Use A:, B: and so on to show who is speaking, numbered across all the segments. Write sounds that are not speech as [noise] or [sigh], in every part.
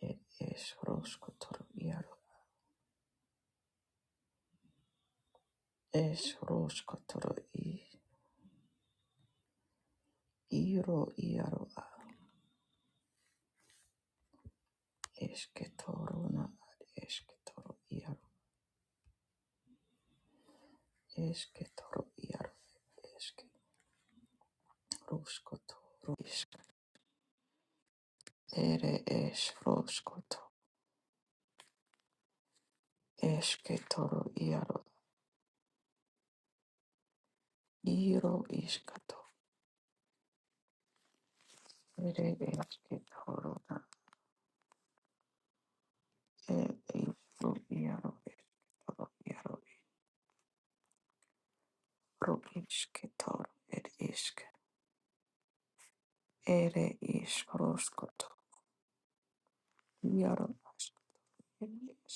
A: Ed es roskotoro iaro. Es roskotoro i. Iro iaro a. Esketoro na ad esketoro iaro. Esketoro iaro. Eske roskotoro isk. Ere es roskoto. Esketoro iaro. Iro iskato. Ere esketoro na. E iaro. Estoro iaro. Ro isketoro. Ed isk. Ere is roskoto. Yaro iškėlęs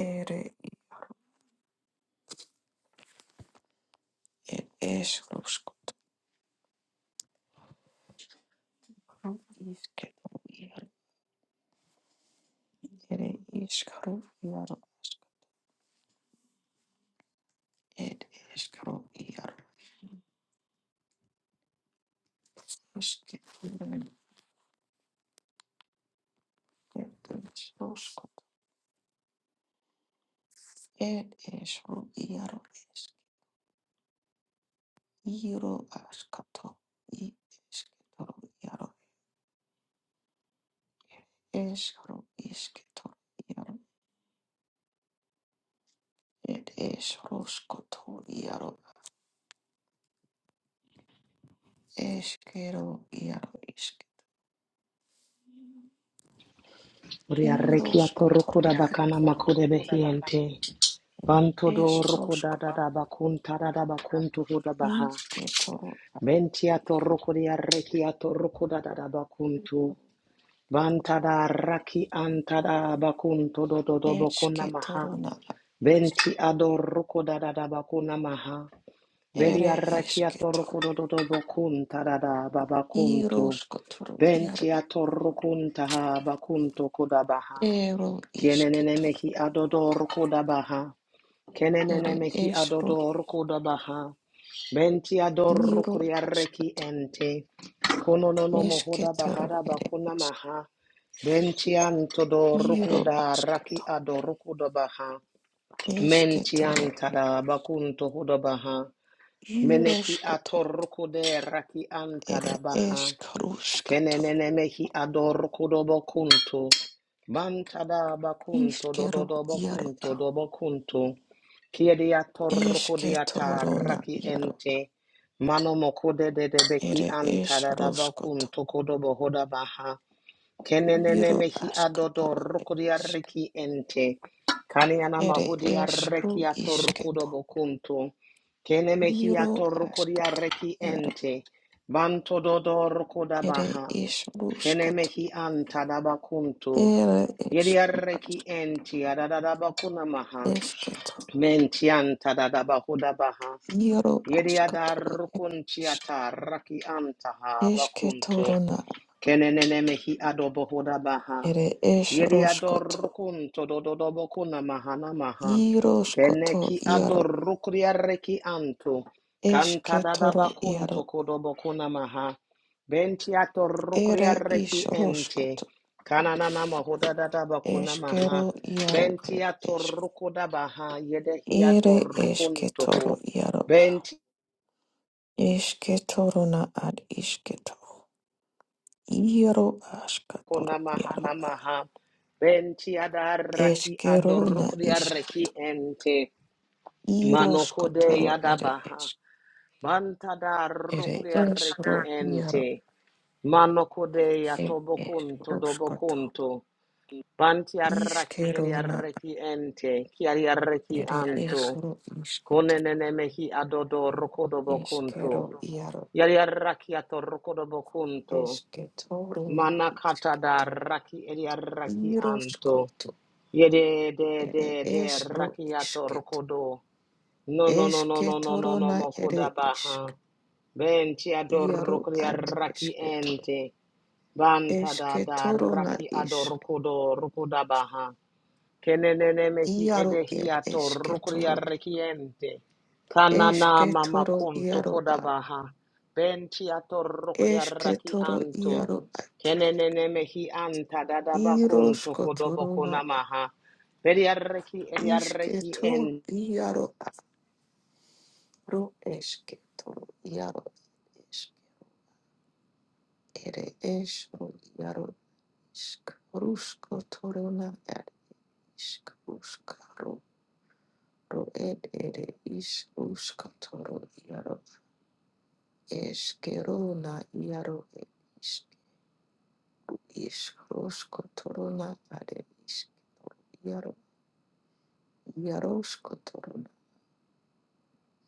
A: ir išrūško iškėlė ir iškarų yaro ir iškarų yaro iškėlė ir išrūško ir išrū yaro iškyro aškato į iškėlė yaro iškarų iškėlė yaro ir išrūško to yaro iškėlė yaro iškėlė
B: Ria rekia rokoda bakana
A: Íróskotor
B: makude behiente. Banto do
A: Ereshkigal,
B: rokoda da da bakun tada da bakun to hoda baha.
A: Ishketoro,
B: Mentia to rokodia rekia rokoda da da bakuntu. Bantada raki antada bakunto do do do bakuna maha.
A: Ereshketoro na
B: Benti ador rokoda da da bakuna maha.
A: Ereshk,
B: Beria rakia
A: Ereshketo,
B: rokodo do do bakun tada da babakuntu.
A: Iroshkotoro, Yaro,
B: Benti ator rokunta ha bakunto koda baha.
A: Ero
B: Kienenene
A: isketo,
B: mehi adodoro kodabaha. Kenenene
A: Ere
B: mehi
A: esro,
B: adodoro kodabaha. Benti adoro
A: Iro
B: kuriareki
A: Ashkato,
B: ente. Kono no no mohoda
A: Eshketoro,
B: bahara
A: Ere
B: bakuna
A: Eshk,
B: maha. Benti antodoro
A: Iro
B: kodaraki
A: Ashkato,
B: adoro kodabaha. Menti
A: Eshketoro,
B: antada bakunto hodabaha. Meneki
A: Iroshkoto,
B: atoroko de raki
A: Ere
B: antada baha.
A: Eshkarushkato,
B: Kenenene mehi ador kudobo kuntu. Bantada bakunto dododo
A: Ishkero Yaro,
B: bakunto dobo kuntu. Kiedia torkudiata
A: Eshketorona
B: raki
A: Yaro.
B: ente. Mano mokude de de beki
A: Ere esh
B: antada da
A: roshkoto,
B: bakunto kodobo hoda baha. Kenenene
A: iro
B: mehi adodo
A: ashkatoro
B: rukudia
A: esh.
B: reki ente. Kaniana
A: Ere
B: mahudia
A: esh ro
B: reki ator kudobo kuntu. Kene mehi
A: iro
B: ator kudia
A: ashkatoro
B: reki
A: iaro.
B: ente. Banto dodo rokoda
A: Ere
B: baha.
A: esh roshkoto,
B: Kenemehi antadabakuntu.
A: ere esh ro
B: Yediareki
A: ashk
B: enti adadabakuna maha.
A: eshketo,
B: Mentian tadabahuda baha.
A: iro ashkatoro ere
B: Yediadarukun
A: ishk.
B: chiata raki antaha bakuntu.
A: Eshketoro na,
B: Kenenene hi adobo hoda baha.
A: ere esh
B: Yedi
A: roshkoto,
B: adorukun todododobo kuna mahana maha. Kene
A: iroshkoto
B: ki
A: yaro.
B: adorukria reki anto. Kanta dadaba
A: Eshketoro
B: kunto
A: yaro,
B: kodobo kuna maha. Benti atorukria
A: ere
B: reki
A: ish
B: ente.
A: roshkoto.
B: Kananana mahoda dadaba kuna maha.
A: iaro yaro
B: Benti atorukoda baha. Yedehi
A: Ere
B: atorukun
A: esketoro
B: toho.
A: iaro a.
B: Benti
A: Esketoro na ad isketoro. Iaro askatoro
B: Kona
A: iaro
B: mahana
A: a.
B: maha. Benti adaraki
A: Eskero na isketo.
B: adorukriareki ente.
A: Iro
B: Manokode
A: skotoro ere
B: yadabaha.
A: es.
B: Mantada
A: Ere
B: rukriareki
A: esro iaro.
B: ente. Manokode
A: E es
B: yatobokunto
A: uskoto.
B: dobokunto. Banti arraki
A: Iskero na
B: eriareki ente. Kiariareki
A: ere
B: anto.
A: esro isketo.
B: Konenenemehi adodo rokodobokunto.
A: Eskero iaro.
B: Yariaraki atorokodobokunto.
A: Esketoro na
B: Manakata da
A: isketo.
B: raki eriaraki
A: Iro
B: anto.
A: skoto.
B: Yede de
A: Ere
B: de de
A: esro
B: rakiato
A: isketo.
B: rokodo. No no no no no no no
A: Esketoro
B: no
A: na ere
B: mokoda
A: isk.
B: baha. Benti
A: Iaro
B: adorokria
A: ad
B: raki
A: esketoro.
B: ente. Banta da da
A: Esketoro na
B: raki
A: isk.
B: adorokodo rokoda baha. Kenene mehi
A: Iaro ed
B: edehiato rukuria
A: esketoro.
B: rekiente. Kanana mama
A: Esketoro
B: kuntu
A: iaro a.
B: kodabaha. Bentiato rukuria raki
A: Esketoro
B: anto.
A: iaro a.
B: kenene mehi anta dadaba
A: Iro
B: kuntu
A: skotoro
B: kodoboko
A: na a.
B: namaha. Beriareki eriareki
A: Isketo
B: en.
A: iaro aro esketoro iaro isk. Ere es ro iaro isk. Ruskotoro na ad isk. Ruskaro Ro ed ere is uskatoro iaro eskero na iaro ed is is roskotoro na are is iaro iaroskotoro na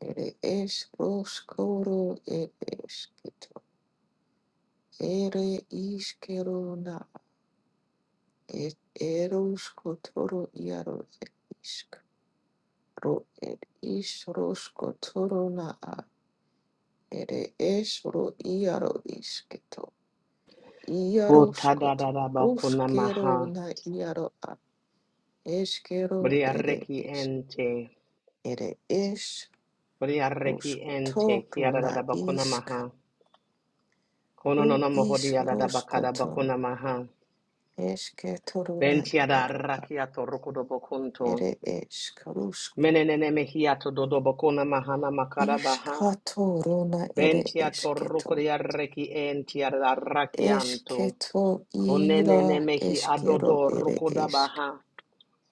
A: ere es roskoro ed esketo ere iskero na ed eroskotoro iaro ed isk ro ed is roskotoro a ere es ro iaro isketo
B: Bota
A: Iaroskoto,
B: dadaba
A: ruskero
B: kunamaha.
A: na iaro a eskero ere
B: Beriareki
A: es,
B: ente.
A: ere es,
B: Beriareki ente.
A: ruskoto runa
B: Kiadadaba
A: isk,
B: kunamaha. Kono no
A: ru
B: no mohodi
A: isk
B: adadaba kadaba
A: roskoto,
B: kunamaha.
A: esketoro na
B: Bentiada
A: iaro a
B: rakiato rokodobokunto.
A: ere esk, rusk,
B: Menenene mehiato dodobokuna mahana makarabaha.
A: iskato runa ere
B: Bentiato
A: esketo,
B: rokodia reki entiada rakianto.
A: esketo ira
B: Kunenene mehi
A: eskero
B: adodo
A: ere esk,
B: rokodabaha.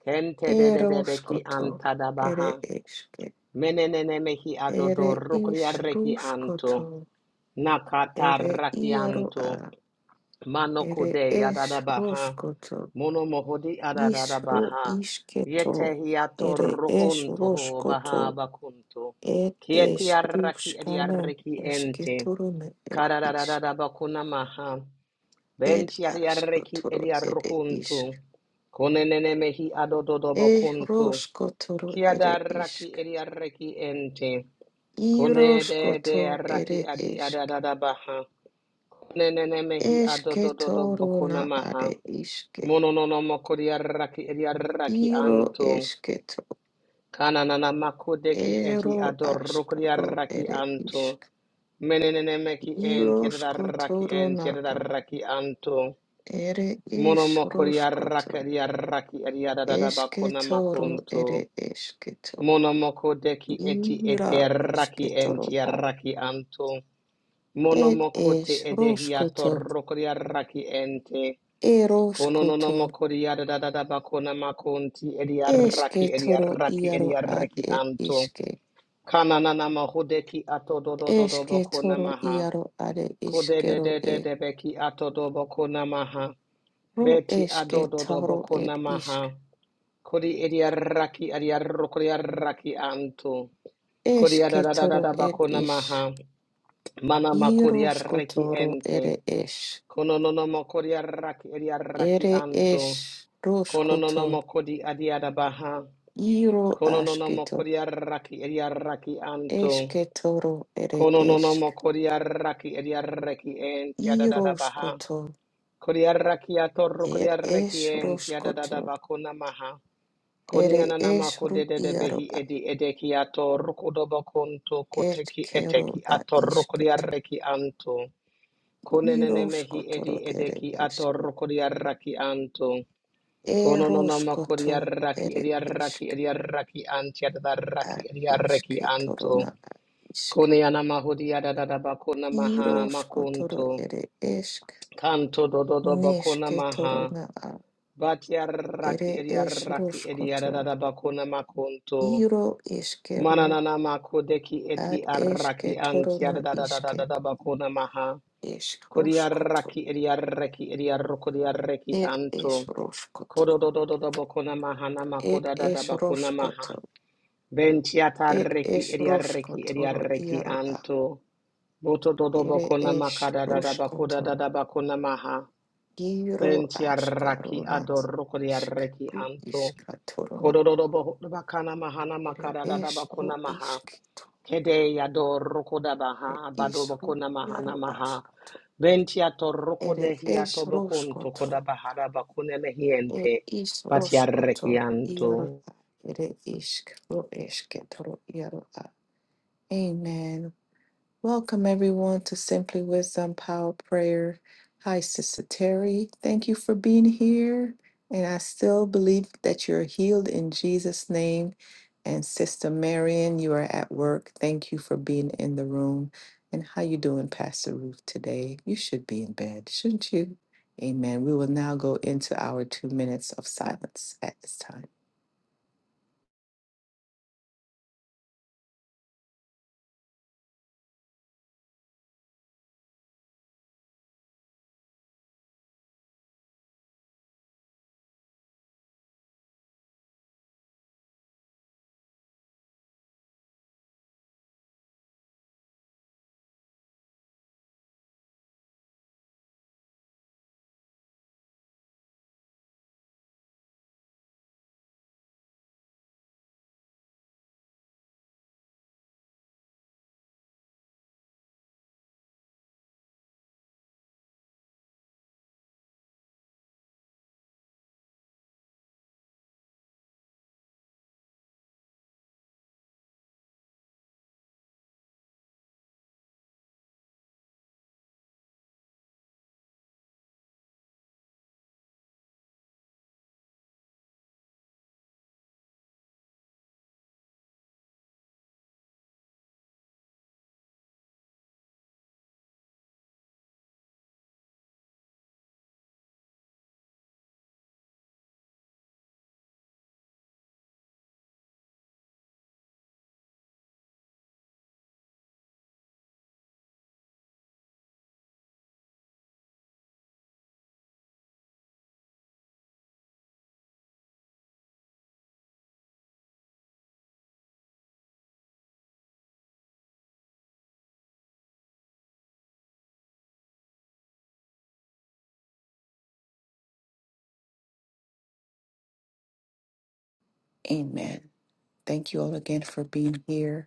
B: Kente de de de beki
A: eroskoto
B: antadabaha.
A: ere esk.
B: Menenene mehi adodo
A: Ere
B: rokodia
A: is
B: reki anto.
A: ruskoto,
B: Nakata
A: ere
B: rakianto.
A: iaroa, ere
B: Manokode
A: es
B: Yadadabaha
A: roskoto
B: Monomohodi
A: isro
B: Adadadabaha
A: isketo,
B: Yetehiato
A: ere es
B: Rukunto ho
A: ruskoto,
B: Baha Bakunto
A: ed es
B: Kietiaraki
A: ruskana,
B: Ediareki Ente
A: esketorone, ed isk,
B: Karadadabakuna Maha
A: ed
B: Bentiariareki
A: askotoro, ere isk,
B: Ediarukunto Konenemehi
A: e
B: Adododobokunto
A: roskotoro, ere
B: Kiadaraki
A: isk,
B: Ediareki Ente Kone de de
A: iroskoto,
B: Raki
A: ere
B: Adi
A: esk,
B: Adadabaha Nenemehi
A: esketorona,
B: Adododobokuna Maha
A: are iske,
B: Mono no Mononono makodiaraki ediaraki
A: iro
B: anto.
A: esketo.
B: Kananana makodeki eti
A: Ero ashkaro
B: adorokodiaraki
A: ere
B: anto.
A: ishk.
B: Menenene meki enti edi
A: Iroshko
B: arraki
A: toro
B: enti
A: na a.
B: entiadaraki entiadaraki anto.
A: Ere
B: Mono
A: ish
B: makodiaraki
A: roshkoto.
B: ediaraki
A: Eshke
B: ediadadabakona
A: toro
B: makonto
A: ere eshketo.
B: Mono makodeki eti eti
A: Ira
B: arraki enti
A: ishketoro a.
B: entiaraki anto. Mono
A: Ed
B: makote
A: esh roshkoto.
B: edehiatorokodiaraki ente. Kono no no
A: Eroshkoto.
B: mokori yada da da da ba kona ma konti bakona makonti ediaraki
A: Eshke toro
B: ediaraki
A: iaro ad
B: ediaraki
A: ed
B: anto.
A: ishke.
B: Kana na na mahodeki ato do do do do
A: Eshke
B: bakona
A: toro
B: maha.
A: iaro ade
B: Kode de
A: ishkero
B: de de
A: e.
B: de beki ato do bakona maha.
A: Ro
B: Beti ado
A: eshke
B: do do
A: toro
B: bakona
A: ed ishk.
B: maha. Kodi ediaraki ediarokori araki anto. Kodi yada
A: Eshke
B: da da da
A: toro
B: da
A: ed
B: bakona
A: ish.
B: maha. Mana ma makori araki
A: Iroshkotoro
B: ente.
A: ere esh.
B: Kono no no mokori araki ediaraki
A: Ere
B: anto.
A: esh
B: Kono no no
A: roshkoto.
B: mo kodi adiada baha.
A: Iro
B: Kono no no mo
A: ashketo.
B: kodi arraki ediarraki anto.
A: Eshketoro ere
B: Kono no no mo
A: eshk.
B: kodi arraki ediarraki enti adada baha.
A: Iroshkoto.
B: Kodi arraki atorro kodi
A: Er
B: arraki
A: esh
B: enti adada
A: roshkoto.
B: bakona maha. Koni
A: Ere
B: ananama
A: esh
B: mako de
A: ru
B: de de
A: iaro
B: behi
A: a
B: edi edeki atorro kodobo konto
A: Et
B: koteki eteki
A: kero na
B: atorro kodi
A: ishketo.
B: arraki anto. Kone nene mehi edi
A: Iroshkotoro ere
B: edeki
A: eshke.
B: atorro kodi arraki anto. Kono no nama
A: Eroshkoto
B: koriaraki
A: ere
B: eri
A: ishk.
B: eriaraki anti
A: A
B: adarraki eri eriaraki
A: ishketoro
B: anto.
A: na a ishk.
B: Kone anama hodiada da bakona maha
A: Iroshkotoro
B: makunto.
A: ere eshk.
B: Kanto do do do bakona maha.
A: Neshketorona a
B: Batiaraki
A: ere
B: eriaraki eriada
A: eshroshkoto.
B: da bakona makunto.
A: Iro eshkero
B: Mananana makodeki eti
A: ad
B: araki anti
A: eshketorona
B: adada da
A: ishke
B: da bakona maha.
A: eshroshkoto.
B: Koriaraki eriaraki eriarokoriaraki
A: Et
B: anto.
A: eshroshkoto.
B: Kodo Kododododobokona mahana
A: It
B: makoda makodadadabakona maha.
A: eshroshkoto.
B: Bentiata
A: Et
B: reki ediareki
A: eshroshkotoro
B: ediareki
A: iaro a
B: anto. Boto do do
A: ere
B: bokona makada Botododobokona
A: eshroshkoto.
B: makadadadabakodadadabakona maha.
A: Giro
B: Bentiaraki
A: ashkarona a ishk.
B: adorokodiareki
A: Ru
B: anto.
A: ishkatorona
B: Kodo Kodododobokona mahana
A: ere
B: makada makadadadabakona
A: eshro
B: maha.
A: ishkito.
B: Kede yador rokoda baha
A: E ishru
B: badobokona mahana
A: iaro
B: maha.
A: ashkato.
B: Ventia to
A: Ere
B: rokode hiato
A: es
B: bokon
A: roskoto,
B: tokoda bahara bakune
A: er
B: mehiente.
A: is roskoto, iaro
B: Batiarrekianto.
A: a, ere isk, ro esketoro, iaro a. Amen. Welcome everyone to Simply Wisdom Power Prayer. Hi, Sister Terry. Thank you for being here. And I still believe that you're healed in Jesus' name. And Sister Marion, you are at work. Thank you for being in the room. And how you doing, Pastor Ruth, today? You should be in bed, shouldn't you? Amen. We will now go into our two minutes of silence at this time. Amen. Thank you all again for being here.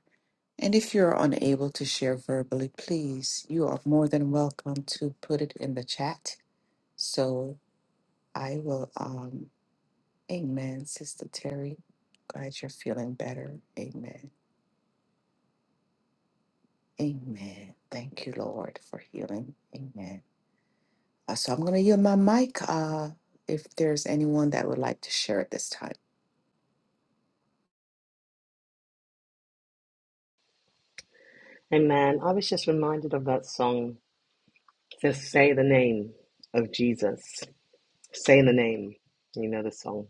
A: And if you're unable to share verbally, please, you are more than welcome to put it in the chat. So I will, um, amen, Sister Terry. Glad you're feeling better. Amen. Amen. Thank you, Lord, for healing. Amen. Uh, so I'm going to yield my mic uh, if there's anyone that would like to share at this time.
B: Amen. I was just reminded of that song. To say the name of Jesus. Say the name. You know the song.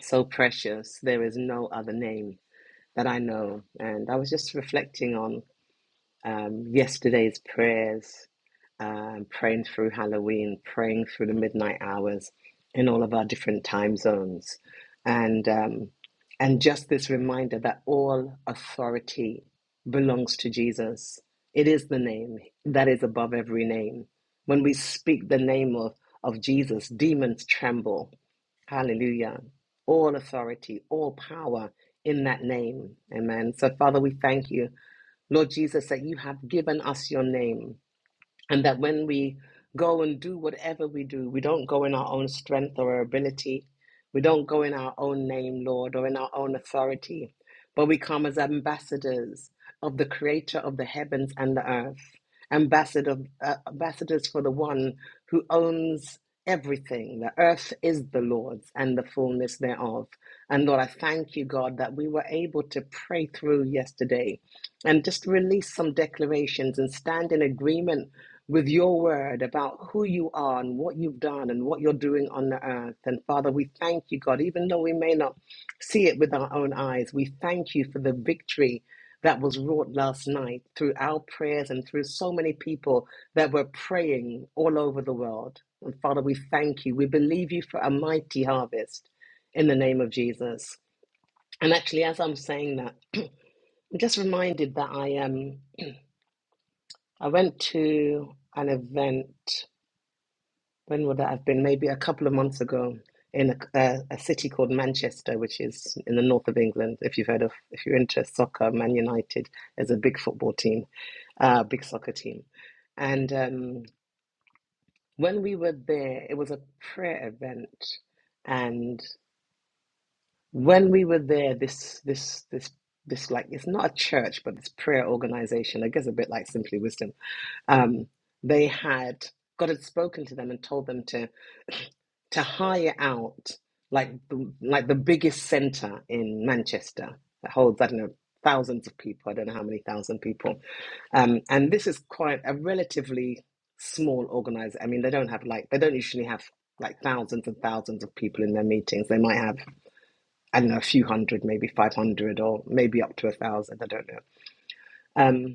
B: So precious. There is no other name that I know. And I was just reflecting on um, yesterday's prayers, um, praying through Halloween, praying through the midnight hours in all of our different time zones, and um, and just this reminder that all authority belongs to Jesus. It is the name that is above every name. When we speak the name of, of Jesus, demons tremble. Hallelujah. All authority, all power in that name. Amen. So, Father, we thank you Lord Jesus, that you have given us your name and that when we go and do whatever we do, we don't go in our own strength or our ability. We don't go in our own name, Lord, or in our own authority, but we come as ambassadors of the Creator of the heavens and the earth, ambassador, uh, ambassadors for the one who owns everything. The earth is the Lord's and the fullness thereof. And Lord, I thank you, God, that we were able to pray through yesterday and just release some declarations and stand in agreement with your word about who you are and what you've done and what you're doing on the earth. And Father, we thank you, God, even though we may not see it with our own eyes, we thank you for the victory that was wrought last night through our prayers and through so many people that were praying all over the world. And Father, we thank you. We believe you for a mighty harvest in the name of Jesus. And actually, as I'm saying that, I'm just reminded that I Um, I went to an event when would that have been? Maybe a couple of months ago in a, a, a city called Manchester, which is in the north of England. If you've heard of, if you're into soccer, Man United is a big football team, uh, big soccer team. And um, when we were there, it was a prayer event, and when we were there, this this this this like it's not a church, but this prayer organization. I guess a bit like Simply Wisdom. Um, they had God had spoken to them and told them to to hire out like the, like the biggest center in Manchester that holds I don't know thousands of people. I don't know how many thousand people, um, and this is quite a relatively small organizer. I mean, they don't have like they don't usually have like thousands and thousands of people in their meetings. They might have I don't know a few hundred, maybe five hundred, or maybe up to a thousand. I don't know. Um,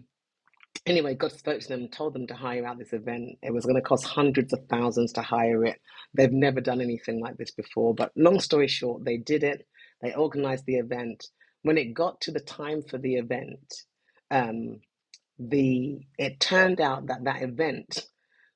B: Anyway, God spoke to them and told them to hire out this event. It was going to cost hundreds of thousands to hire it. They've never done anything like this before. But long story short, they did it. They organized the event. When it got to the time for the event, um, the it turned out that that event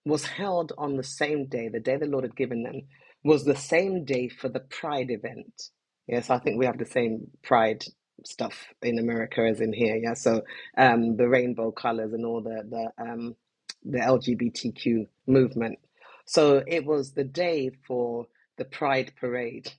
B: was held on the same day the day the lord had given them was the same day for the pride event yes i think we have the same pride stuff in america as in here yeah so um the rainbow colors and all the the um the lgbtq movement so it was the day for the pride parade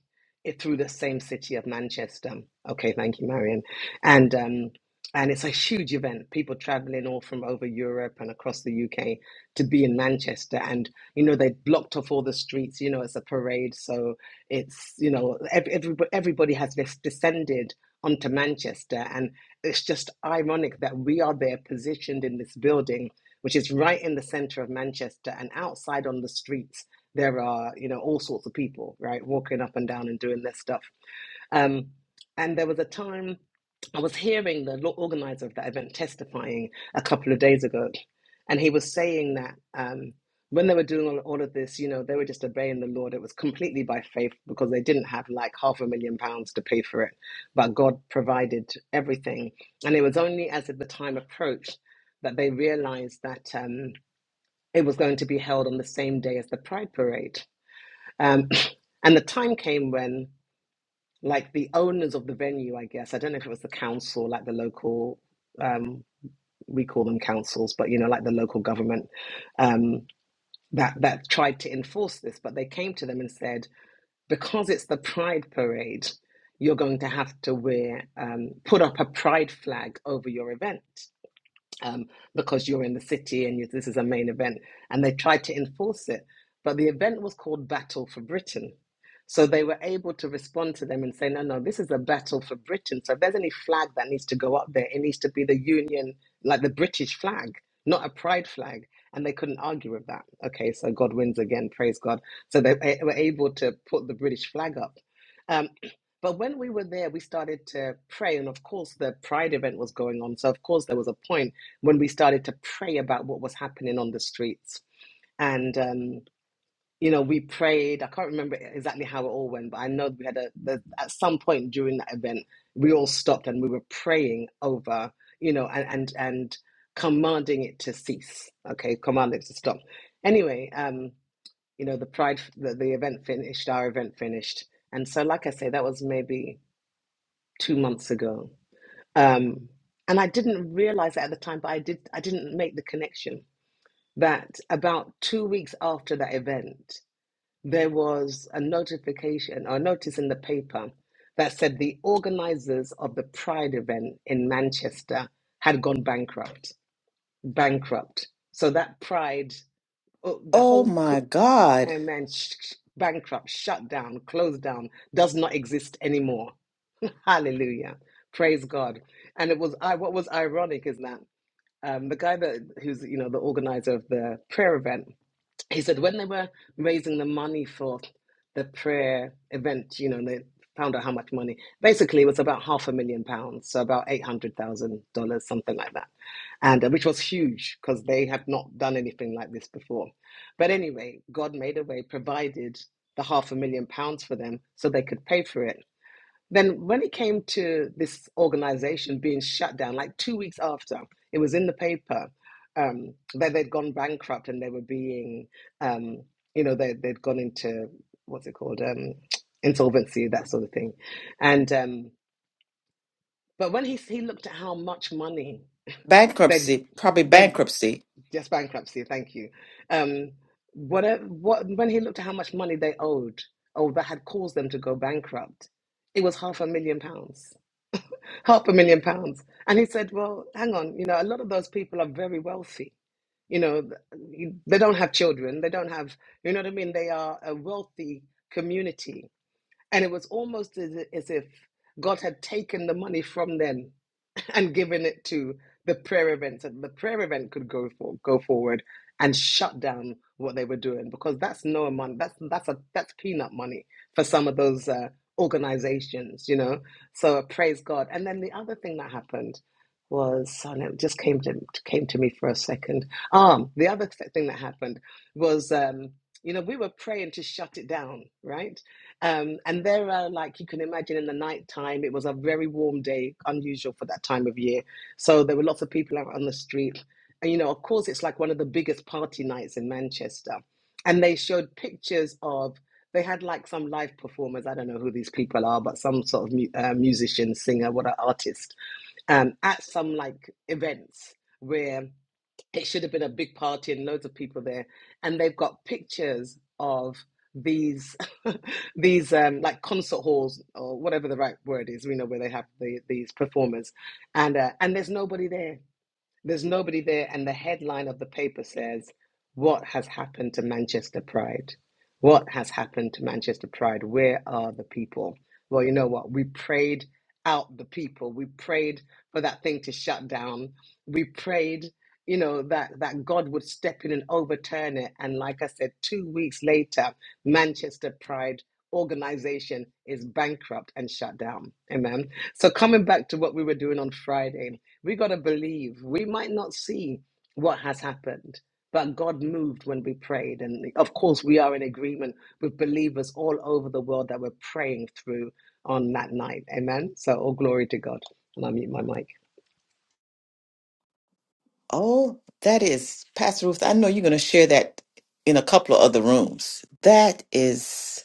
B: it through the same city of manchester okay thank you marion and um and it's a huge event. People traveling all from over Europe and across the UK to be in Manchester, and you know they blocked off all the streets. You know, it's a parade, so it's you know every, everybody, everybody has this descended onto Manchester, and it's just ironic that we are there positioned in this building, which is right in the centre of Manchester, and outside on the streets there are you know all sorts of people right walking up and down and doing their stuff um, and there was a time I was hearing the lo- organizer of that event testifying a couple of days ago, and he was saying that um, when they were doing all, all of this, you know, they were just obeying the Lord. It was completely by faith because they didn't have like half a million pounds to pay for it, but God provided everything. And it was only as the time approached that they realized that um, it was going to be held on the same day as the Pride Parade. Um, [clears throat] and the time came when like the owners of the venue, I guess. I don't know if it was the council, like the local, um, we call them councils, but you know, like the local government um, that that tried to enforce this, but they came to them and said, because it's the Pride Parade, you're going to have to wear um, put up a Pride flag over your event um, because you're in the city and you, this is a main event. And they tried to enforce it. But the event was called Battle for Britain. So they were able to respond to them and say, no, no, this is a battle for Britain. So if there's any flag that needs to go up there, it needs to be the Union, like the British flag, not a pride flag. And they couldn't argue with that. Okay, so God wins again, praise God. So they a- were able to put the British flag up. Um, [clears throat] but when we were there, we started to pray. And of course, the pride event was going on. So, of course, there was a point when we started to pray about what was happening on the streets. And, um, you know, we prayed. I can't remember exactly how it all went, but I know we had a, the, at some point during that event, we all stopped and we were praying over, you know, and, and, and commanding it to cease. Okay. Commanding it to stop. Anyway, um, you know, the pride, the, the event finished, our event finished. And so, like I say, that was maybe two months ago. Um, and I didn't realize that at the time, but I did, I didn't make the connection that about two weeks after that event, there was a notification or notice in the paper that said the organizers of the Pride event in Manchester had gone bankrupt. Bankrupt. So that Pride, oh, the
A: Oh
B: whole co-
A: my God.
B: um, man sh- sh- bankrupt, shut down, closed down, does not exist anymore. [laughs] Hallelujah. Praise God. And it was I what was ironic is that um, the guy that who's you know the organizer of the prayer event he said when they were raising the money for the prayer event, you know, and they found out how much money. Basically, it was about half a million pounds, so about eight hundred thousand dollars, something like that, and uh, which was huge because they had not done anything like this before. But anyway, God made a way, provided the half a million pounds for them, so they could pay for it. Then, when it came to this organization being shut down, like two weeks after, it was in the paper um, that they'd gone bankrupt and they were being, um, you know, they, they'd gone into what's it called, um, insolvency, that sort of thing. And um, but when he he looked at how much money they
A: Bankruptcy, probably
B: they
A: bankruptcy.
B: just bankruptcy, thank you. Um, what what when he looked at how much money they owed, oh, that had caused them to go bankrupt, it was half a million pounds half a million pounds. And he said, Well, hang on, you know, a lot of those people are very wealthy. You know, th- they don't have children, they don't have, you know what I mean? They are a wealthy community. And it was almost as, as if God had taken the money from them [laughs] and given it to the prayer event so the prayer event could go for go forward and shut down what they were doing because that's no money that's that's a that's peanut money for some of those uh, organizations you know so praise god and then the other thing that happened was and it just came to came to me for a second um the other th- thing that happened was um you know we were praying to shut it down right um, and there are, like you can imagine, in the night time, it was a very warm day, unusual for that time of year. So there were lots of people out on the street. And, you know, of course, it's like one of the biggest party nights in Manchester. And they showed pictures of, they had like some live performers. I don't know who these people are, but some sort of mu- uh, musician, singer, what an artist, um, at some like events. where it should have been a big party and loads of people there and they've got pictures of these [laughs] these um like concert halls or whatever the right word is we know where they have the, these performers and uh, and there's nobody there there's nobody there, and the headline of the paper says, What has happened to Manchester Pride? What has happened to Manchester Pride? Where are the people? Well, you know what? We prayed out the people. We prayed for that thing to shut down. We prayed, you know, that, that God would step in and overturn it. And like I said, two weeks later, Manchester Pride organization is bankrupt and shut down. Amen. So coming back to what we were doing on Friday, we got to believe. We might not see what has happened, but God moved when we prayed. And of course, we are in agreement with believers all over the world that we're praying through on that night. Amen. So, all glory to God. And I mute my mic.
A: Oh, that is, Pastor Ruth, I know you're going to share that in a couple of other rooms. That is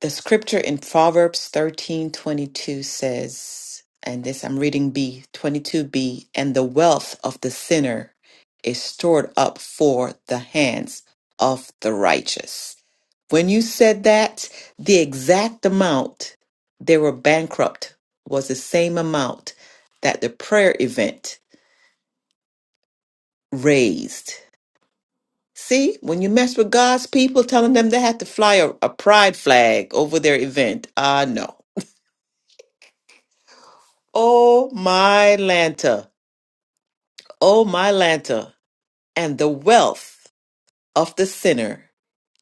A: the scripture in Proverbs 13 22 says, and this I'm reading B 22b, and the wealth of the sinner is stored up for the hands of the righteous. When you said that, the exact amount they were bankrupt was the same amount that the prayer event raised See, when you mess with God's people, telling them they have to fly a, a pride flag over their event. Ah, no. Oh, my Lanta. Oh, my Lanta. And the wealth of the sinner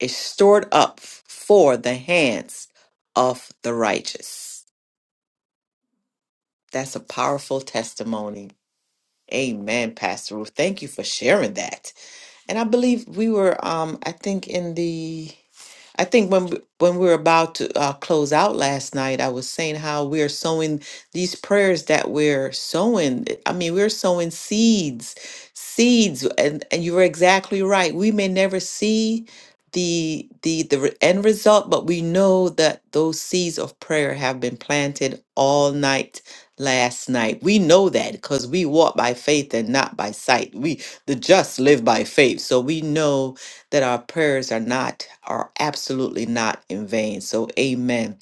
A: is stored up for the hands of the righteous. That's a powerful testimony. Amen, Pastor Ruth. Thank you for sharing that. And I believe we were, um, I think, in the I think when we- when we were about to uh, close out last night, I was saying how we're sowing these prayers that we're sowing. I mean, we're sowing seeds, seeds, and and you were exactly right. We may never see the the the re- end result, but we know that those seeds of prayer have been planted all night last night. We know that because we walk by faith and not by sight. We the just live by faith, so we know that our prayers are not, are absolutely not in vain. So, amen.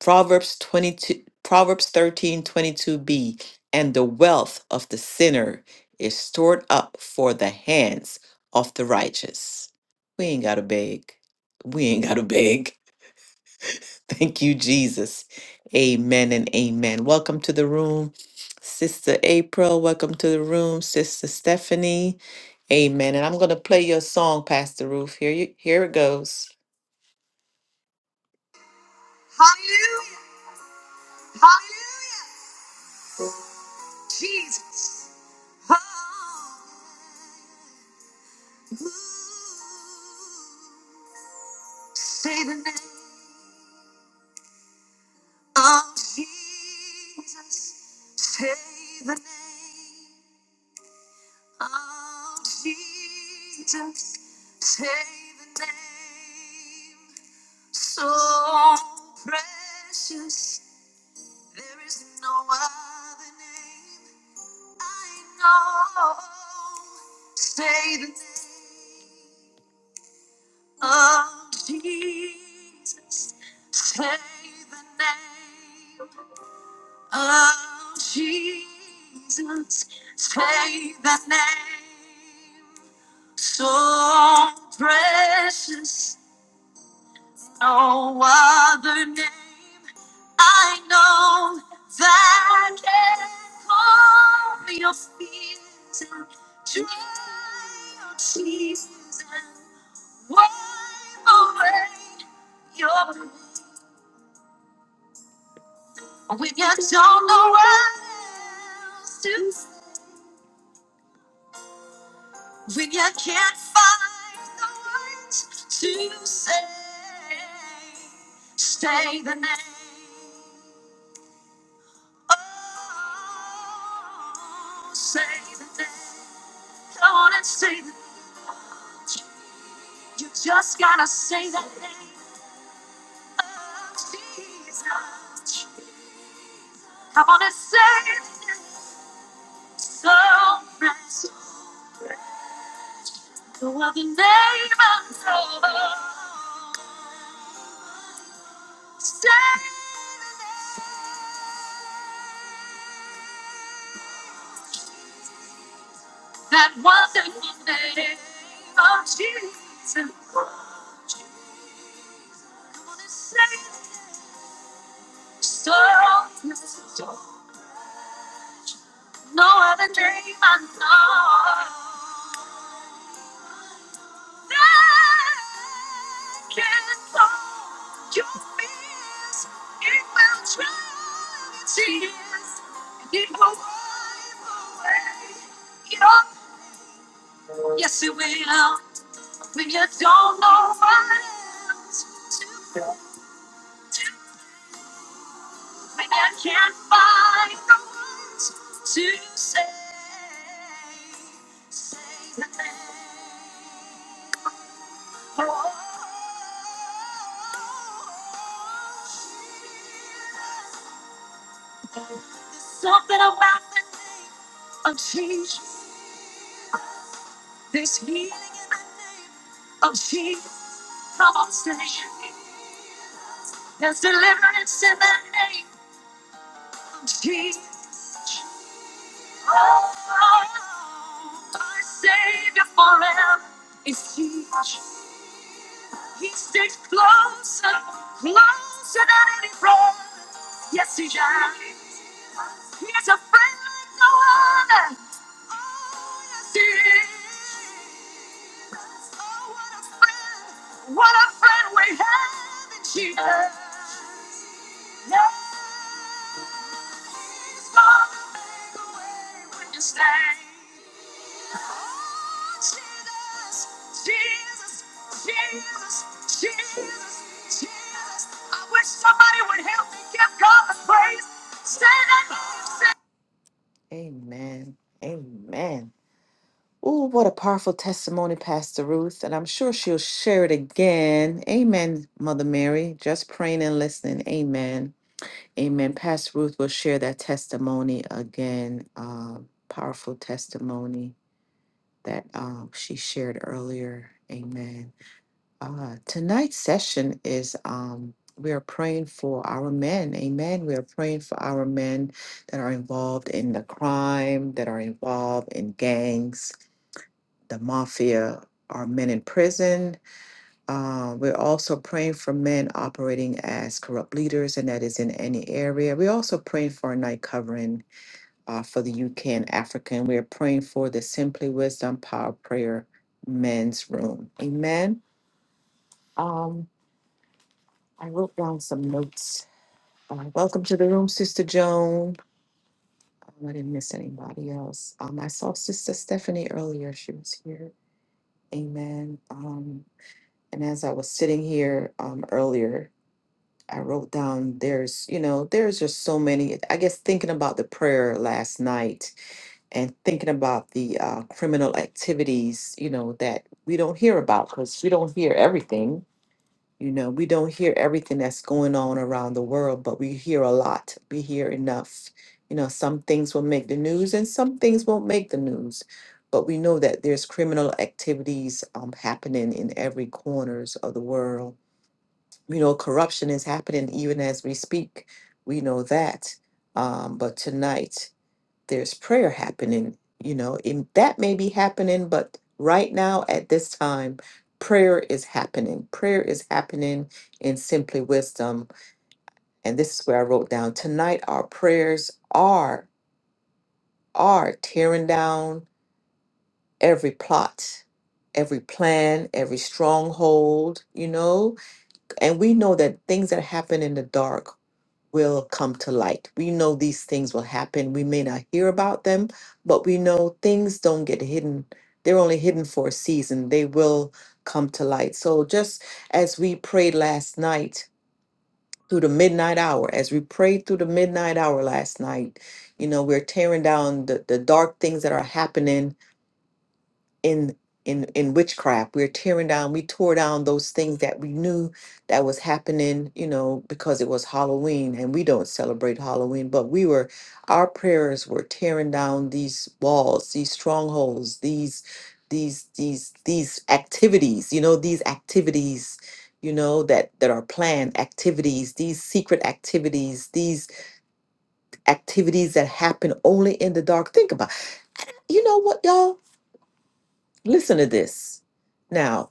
A: Proverbs 22, Proverbs thirteen, twenty-two, b and the wealth of the sinner is stored up for the hands of the righteous. We ain't got to beg. We ain't got to beg. [laughs] Thank you, Jesus. Amen and amen. Welcome to the room, Sister April. Welcome to the room, Sister Stephanie. Amen. And I'm going to play your song, Pastor Ruth. Here you here it goes. Hallelujah. Hallelujah. Jesus. Hallelujah. Say the name of Jesus. Say the name. Oh, Jesus, say the name so precious. There is no other name I know. Say the name of Jesus. Say the name. Oh, Jesus, say the name so precious. No other name I know that can calm your fears and dry your tears and wipe away your pain. when you don't know what else to say. When you can't find the words to say, say the name. Oh, say the name. Come on and say the name. You just gotta say the name of Jesus. Come on and say the name. So precious. Go on the name of the Lord. Say that wonderful name of Jesus. Come on and say it. So no other dream I know that can solve your fears. It will drown its tears and it will wipe away your yes it will when you don't know what else to do. I can't find the words to say. Say the name. Oh, Jesus. Something about the name of Jesus. This healing in the name of Jesus. Come on, say it. There's deliverance in the name of Jesus. Our Savior forever is Jesus. He sticks closer, closer than any friend. Yes, he does. He's a friend like no other. Oh, yes, he is. Oh, what a friend. What a friend we have in Jesus. Amen. Amen. Ooh, what a powerful testimony, Pastor Ruth. And I'm sure she'll share it again. Amen, Mother Mary. Just praying and listening. Amen. Amen. Pastor Ruth will share that testimony again. Uh, powerful testimony that um, she shared earlier. Amen. Uh, tonight's session is um, we are praying for our men. Amen. We are praying for our men that are involved in the crime, that are involved in gangs the mafia are men in prison. Uh, we're also praying for men operating as corrupt leaders, and that is in any area. We're also praying for a night covering uh, for the UK and Africa, and we're praying for the Simply Wisdom Power Prayer Men's Room. Amen. Um, I wrote down some notes. Uh, welcome to the room, Sister Joan. Um, I didn't miss anybody else. Um, I saw Sister Stephanie earlier. She was here. Amen. Um, And as I was sitting here um, earlier, I wrote down there's, you know, there's just so many. I guess thinking about the prayer last night and thinking about the uh, criminal activities, you know, that we don't hear about because we don't hear everything. You know, we don't hear everything that's going on around the world, but we hear a lot. We hear enough. You know, some things will make the news and some things won't make the news but we know that there's criminal activities um, happening in every corners of the world you know, corruption is happening even as we speak. We know that. Um, but tonight there's prayer happening, you know, and that may be happening, but right now at this time, prayer is happening. Prayer is happening in simply wisdom. And this is where I wrote down tonight our prayers are are tearing down every plot, every plan, every stronghold, you know, and we know that things that happen in the dark will come to light. We know these things will happen. We may not hear about them, but we know things don't get hidden. They're only hidden for a season. They will come to light. So just as we prayed last night through the midnight hour, as we prayed through the midnight hour last night, you know, we're tearing down the, the dark things that are happening in in in witchcraft we're tearing down we tore down those things that we knew that was happening you know because it was halloween and we don't celebrate halloween but we were our prayers were tearing down these walls these strongholds these these these these activities you know these activities you know that that are planned activities these secret activities these activities that happen only in the dark think about you know what y'all listen to this now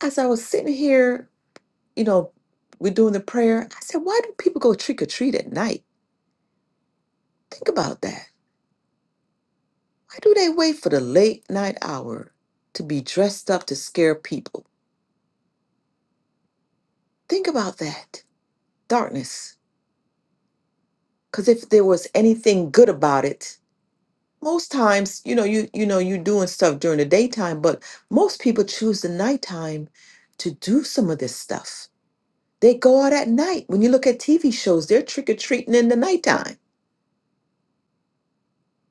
A: As I was sitting here, you know, we're doing the prayer, I said, why do people go trick or treat at night? Think about that. Why do they wait for the late night hour to be dressed up to scare people? Think about that. Darkness. Because if there was anything good about it, most times, you know, you you know, you're doing stuff during the daytime, but most people choose the nighttime to do some of this stuff. They go out at night. When you look at TV shows, they're trick or treating in the nighttime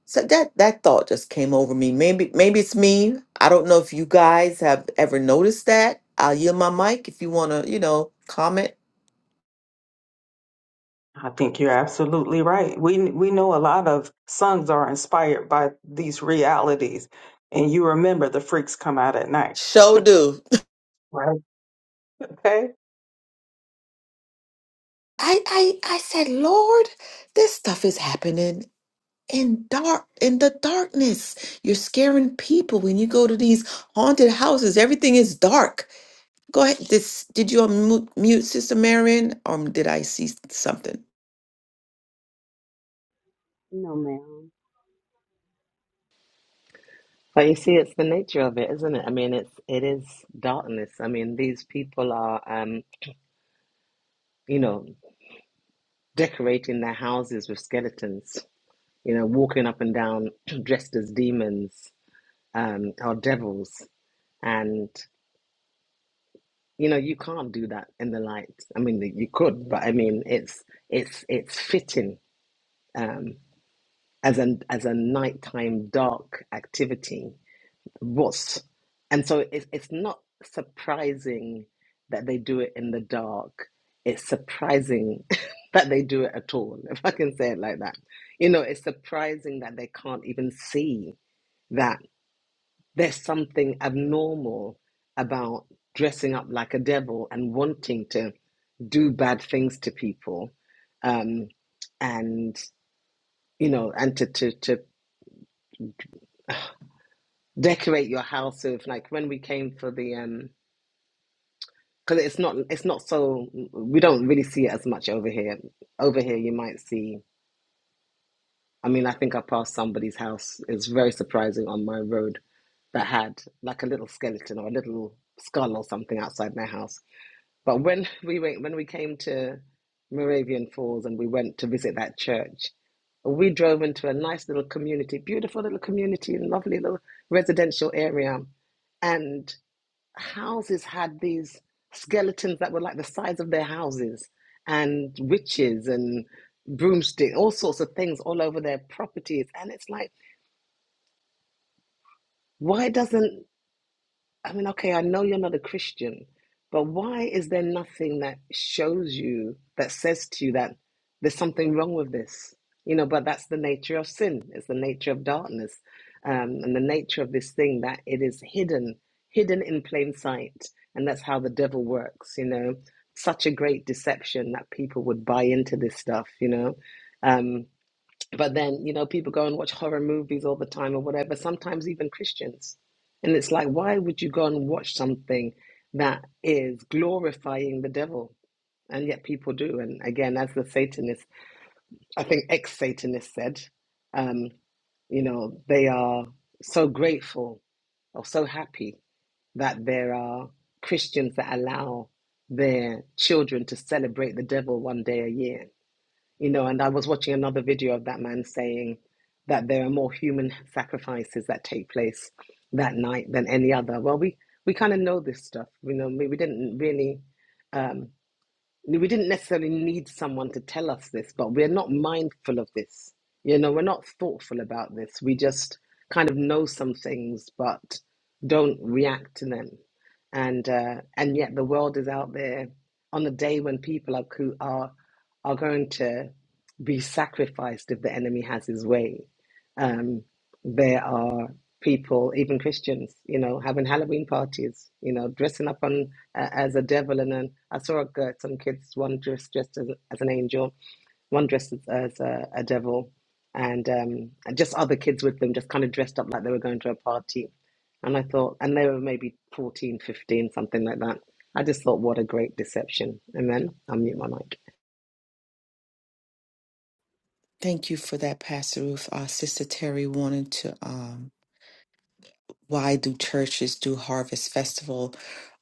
A: So that that thought just came over me. Maybe maybe it's me. I don't know if you guys have ever noticed that. I'll yield my mic if you want to, you know, comment.
C: I think you're absolutely right. We we know a lot of songs are inspired by these realities, and you remember the freaks come out at night,
A: Show do.
C: right? Okay,
A: [laughs] I I I said, Lord, this stuff is happening in dark in the darkness. You're scaring people when you go to these haunted houses. Everything is dark. Go ahead. This did you unmute mute Sister Marion, or did I see something?
D: No, ma'am.
B: But you see, it's the nature of it, isn't it? I mean, it's it is darkness. I mean, these people are, um, you know, decorating their houses with skeletons. You know, walking up and down [clears throat] dressed as demons um, or devils, and You know, you can't do that in the light. I mean, you could, but I mean, it's it's it's fitting um, as an as a nighttime dark activity. Was and so it's it's not surprising that they do it in the dark. It's surprising [laughs] that they do it at all, if I can say it like that. You know, it's surprising that they can't even see that there's something abnormal about dressing up like a devil and wanting to do bad things to people um, and you know and to to, to [sighs] decorate your house with like when we came for the um because it's not it's not so we don't really see it as much over here over here you might see i mean i think i passed somebody's house it's very surprising on my road that had like a little skeleton or a little skull or something outside their house But when [laughs] we went, when we came to Moravian Falls and we went to visit that church, we drove into a nice little community, beautiful little community, lovely little residential area, and houses had these skeletons that were like the size of their houses, and witches and broomstick, all sorts of things all over their properties, and it's like, why doesn't I mean, okay, I know you're not a Christian, but why is there nothing that shows you, that says to you that there's something wrong with this? You know, but that's the nature of sin. It's the nature of darkness, um, and the nature of this thing that it is hidden, hidden in plain sight, and that's how the devil works. You know, such a great deception that people would buy into this stuff. You know, Um, but then, you know, people go and watch horror movies all the time or whatever, sometimes even Christians. And it's like, why would you go and watch something that is glorifying the devil? And yet people do. And again, as the Satanist, I think ex Satanist said, um, you know, they are so grateful or so happy that there are Christians that allow their children to celebrate the devil one day a year you know and i was watching another video of that man saying that there are more human sacrifices that take place that night than any other well we we kind of know this stuff you know we, we didn't really um, we didn't necessarily need someone to tell us this, but we're not mindful of this. You know, we're not thoughtful about this. We just kind of know some things, but don't react to them. And uh, and yet the world is out there on the day when people are coo- are are going to be sacrificed if the enemy has his way. Um, there are people, even Christians, you know, having Halloween parties, you know, dressing up on uh, as a devil. And then I saw uh, some kids, one dressed, dressed as, as an angel, one dressed as, as a, a devil, and, um, and just other kids with them, just kind of dressed up like they were going to a party. And I thought, and they were maybe 14, 15, something like that. I just thought, what a great deception. And then I mute my mic.
A: Thank you for that, Pastor Ruth. Uh, Sister Terry wanted to. um. why do churches do harvest festival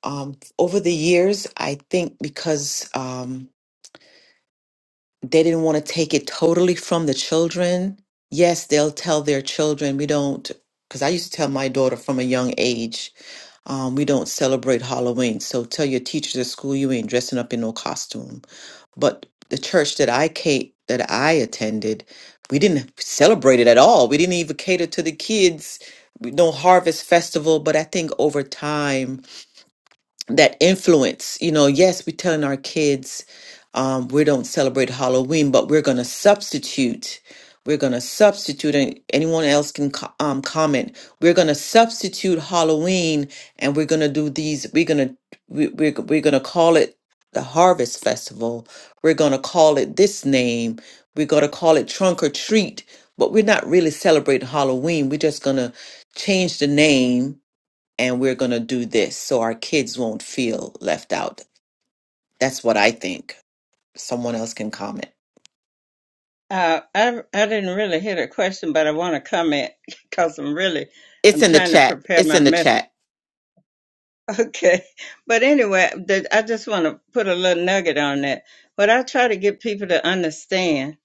A: um, over the years i think because um, they didn't want to take it totally from the children yes they'll tell their children we don't because i used to tell my daughter from a young age um, we don't celebrate halloween so tell your teachers at school you ain't dressing up in no costume but the church that I cate that I attended, we didn't celebrate it at all. We didn't even cater to the kids. We- No harvest festival, but I think over time that influence you know yes we're telling our kids um, we don't celebrate halloween but we're going to substitute we're going to substitute and anyone else can co- um, comment we're going to substitute halloween and we're going to do these we're going to we, we're, we're going to call it the harvest festival we're going to call it this name we're going to call it trunk or treat but we're not really celebrating halloween we're just going to change the name and we're going to do this so our kids won't feel left out. That's what I think. Someone else can comment.
E: Uh, I I didn't really hear the question, but I want to comment [laughs] because I'm really
A: It's
E: I'm
A: in the
E: trying to
A: chat.
E: prepare
A: It's
E: my
A: in the
E: message.
A: chat.
E: [laughs] Okay, but anyway, the, I just want to put a little nugget on that. What I try to get people to understand: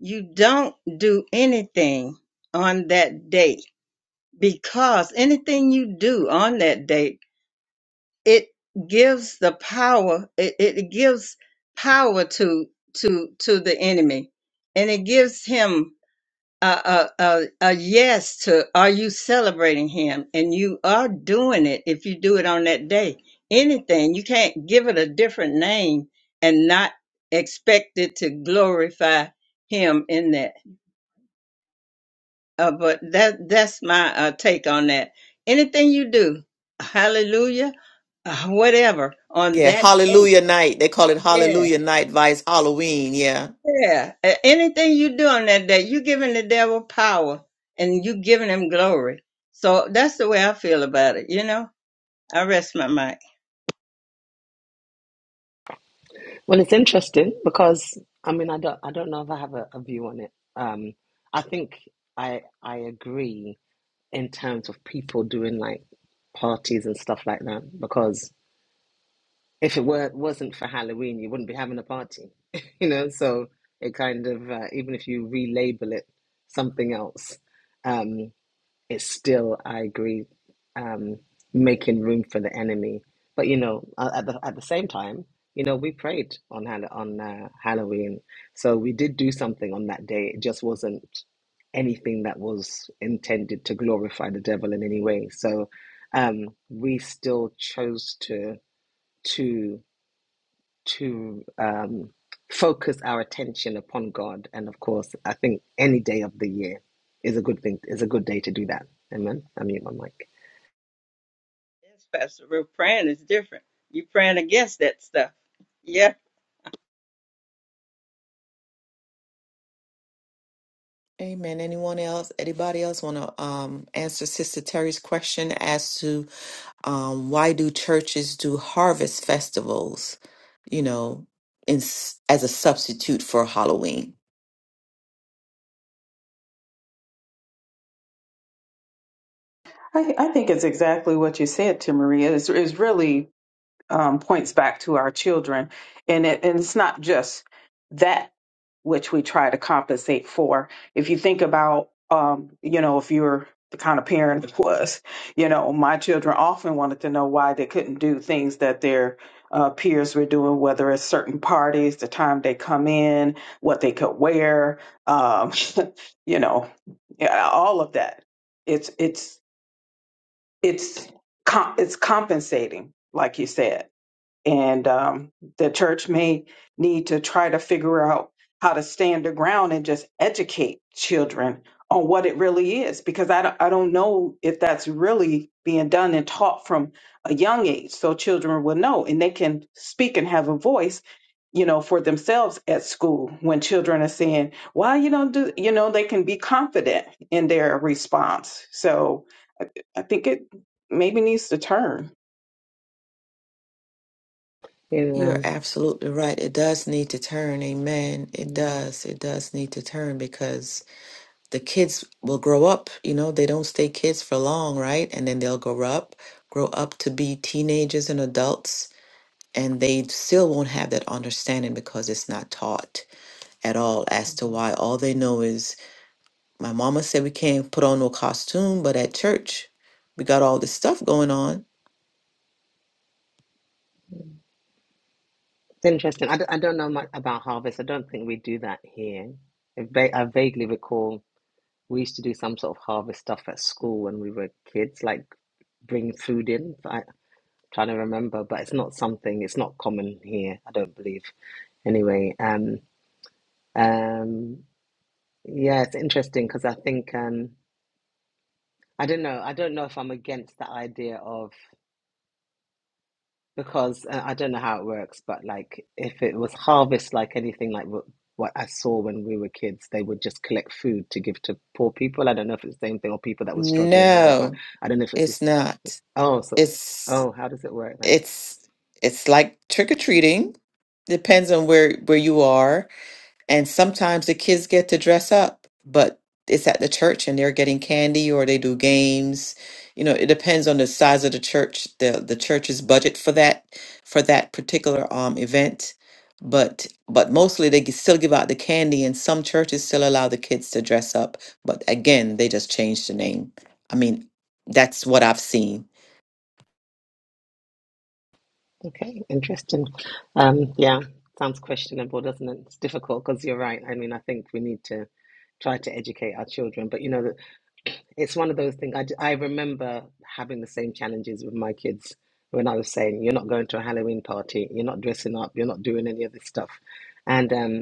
E: you don't do anything on that day because anything you do on that day it gives the power. It, it gives power to to to the enemy, and it gives him a, a, a, a yes to are you celebrating him and you are doing it if you do it on that day anything you can't give it a different name and not expect it to glorify him in that uh, but that that's my uh, take on that anything you do hallelujah uh, whatever on
A: Yeah,
E: that day
A: Hallelujah Night. They call it
E: yeah.
A: Hallelujah Night Vice Halloween. Yeah.
E: Yeah. A- Anything you do on that day, you giving the devil power and you giving him glory. So that's the way I feel about it, you know? I rest my mind.
B: Well, it's interesting because I mean, I don't, I don't know if I have a, a view on it. Um, I think I, I agree in terms of people doing like parties and stuff like that. Because if it were wasn't for Halloween, you wouldn't be having a party, [laughs] you know. So it kind of, uh, even if you relabel it something else, um, it's still I agree um, making room for the enemy. But you know, uh, at the at the same time, you know, we prayed on Hall- on uh, Halloween, so we did do something on that day. It just wasn't anything that was intended to glorify the devil in any way. So um, we still chose to to to um, focus our attention upon God. And of course, I think any day of the year is a good thing, is a good day to do that. Amen. I mute my mic.
E: Yes, Pastor Ruth, praying is different. You praying against that stuff. Yeah.
A: Amen. Anyone else? Anybody else want to um, answer Sister Terry's question as to um, why do churches do harvest festivals? You know, in, s- as a substitute for Halloween.
C: I, I think it's exactly what you said to Maria. It's, it's really um, points back to our children. And, it, and it's not just that which we try to compensate for. If you think about, um, you know, if you're the kind of parent that was, you know, my children often wanted to know why they couldn't do things that their uh, peers were doing, whether it's certain parties, the time they come in, what they could wear, um, [laughs] you know, yeah, all of that. It's it's it's com- it's compensating, like you said and um, the church may need to try to figure out how to stand their ground and just educate children on what it really is because I don't, I don't know if that's really being done and taught from a young age so children will know and they can speak and have a voice you know for themselves at school when children are saying why you don't do you know they can be confident in their response so i, I think it maybe needs to turn
B: Yeah.
A: You're absolutely right. It does need to turn. Amen. It
B: mm.
A: does. It does need to turn because the kids will grow up. You know, they don't stay kids for long, right? And then they'll grow up, grow up to be teenagers and adults, and they still won't have that understanding because it's not taught at all as to why. All they know is My mama said we can't put on no costume, but at church, we got all this stuff going on.
B: It's interesting. I don't, I don't know much about harvest. I don't think we do that here. I, va- I vaguely recall we used to do some sort of harvest stuff at school when we were kids, like bring food in. But I'm trying to remember, but it's not something, it's not common here, I don't believe. Anyway, um, um, Yeah, it's interesting because I think um, I don't know. I don't know if I'm against the idea of because uh, I don't know how it works, but like if it was harvest like anything like what, what I saw when we were kids, they would just collect food to give to poor people. I don't know if it's the same thing or people that were struggling or whatever.
A: No,
B: I don't know if it's the
A: it's
B: s-
A: not.
B: oh so
A: It's
B: oh how does it work then?
A: it's it's like trick or treating. Depends on where where you are. And sometimes the kids get to dress up, but it's at the church and they're getting candy or they do games. You know, it depends on the size of the church, the the church's budget for that for that particular um event. But but mostly they g- still give out the candy and some churches still allow the kids to dress up. But again, they just change the name. I mean, that's what I've seen.
B: Okay, interesting. Um, yeah, sounds questionable, doesn't it? It's difficult because you're right. I mean, I think we need to try to educate our children, but you know, [clears throat] it's one of those things. I, d- I remember having the same challenges with my kids when I was saying, "You're not going to a Halloween party. You're not dressing up. You're not doing any of this stuff," and um,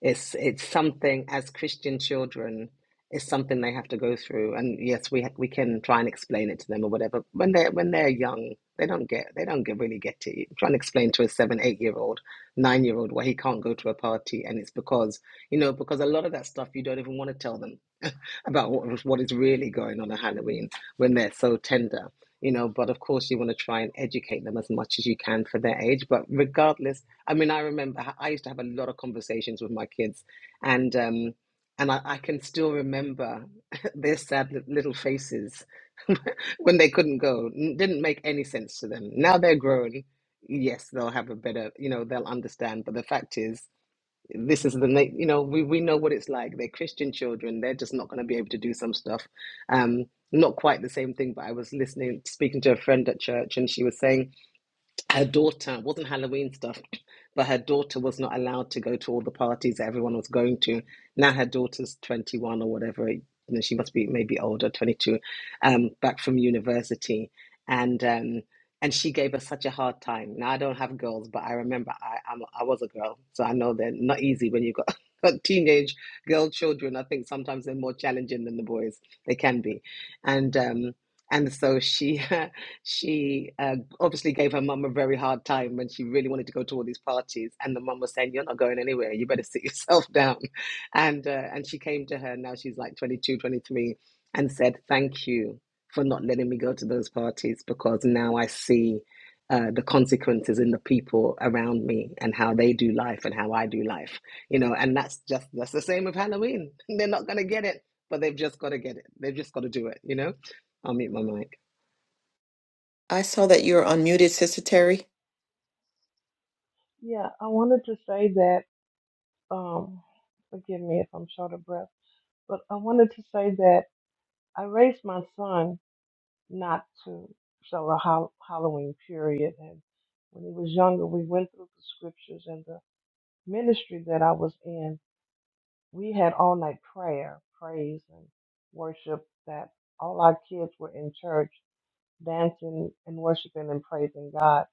B: it's it's something as Christian children, it's something they have to go through. And yes, we ha we can try and explain it to them or whatever. When they're when they're young, they don't get they don't get really get it. I'm Trying to explain to a seven, eight year old, nine year old why he can't go to a party, and it's because you know because a lot of that stuff you don't even want to tell them [laughs] about what what is really going on at Halloween when they're so tender. You know, but of course you want to try and educate them as much as you can for their age. But regardless I mean, I remember h- I used to have a lot of conversations with my kids, and um, and I, I can still remember [laughs] their sad li- little faces [laughs] when they couldn't go. N- Didn't make any sense to them. Now they're grown. Yes, they'll have a better, you know, they'll understand. But the fact is, this is the, na- you know, we we know what it's like. They're Christian children. They're just not going to be able to do some stuff. Um, not quite the same thing. But I was listening, speaking to a friend at church, and she was saying her daughter it wasn't Halloween stuff, [clears throat] but her daughter was not allowed to go to all the parties that everyone was going to. Now her daughter's 21 or whatever, you know, she must be maybe older, 22, um, back from university, and um, and she gave us such a hard time. Now I don't have girls, but I remember I I'm, I was a girl, so I know they're not easy when you got. [laughs] got Teenage girl children, I think sometimes they're more challenging than the boys. They can be, and um, and so she [laughs] she uh, obviously gave her mum a very hard time when she really wanted to go to all these parties and the mum was saying you're not going anywhere you better sit [laughs] yourself down and uh, and she came to her now she's like 22, 23, and said thank you for not letting me go to those parties because now i see uh, the consequences in the people around me and how they do life and how i do life you know and that's just that's the same with halloween [laughs] they're not going to get it but they've just got to get it they've just got to do it you know i'll mute my mic
A: I saw that you're unmuted, Sister Terry.
F: Yeah, I wanted to say that, um, forgive me if I'm short of breath, but I wanted to say that I raised my son not to sell a hol- Halloween period. And when he was younger, we went through the scriptures and the ministry that I was in, we had all night prayer, praise, and worship that all our kids were in church dancing and worshiping and praising God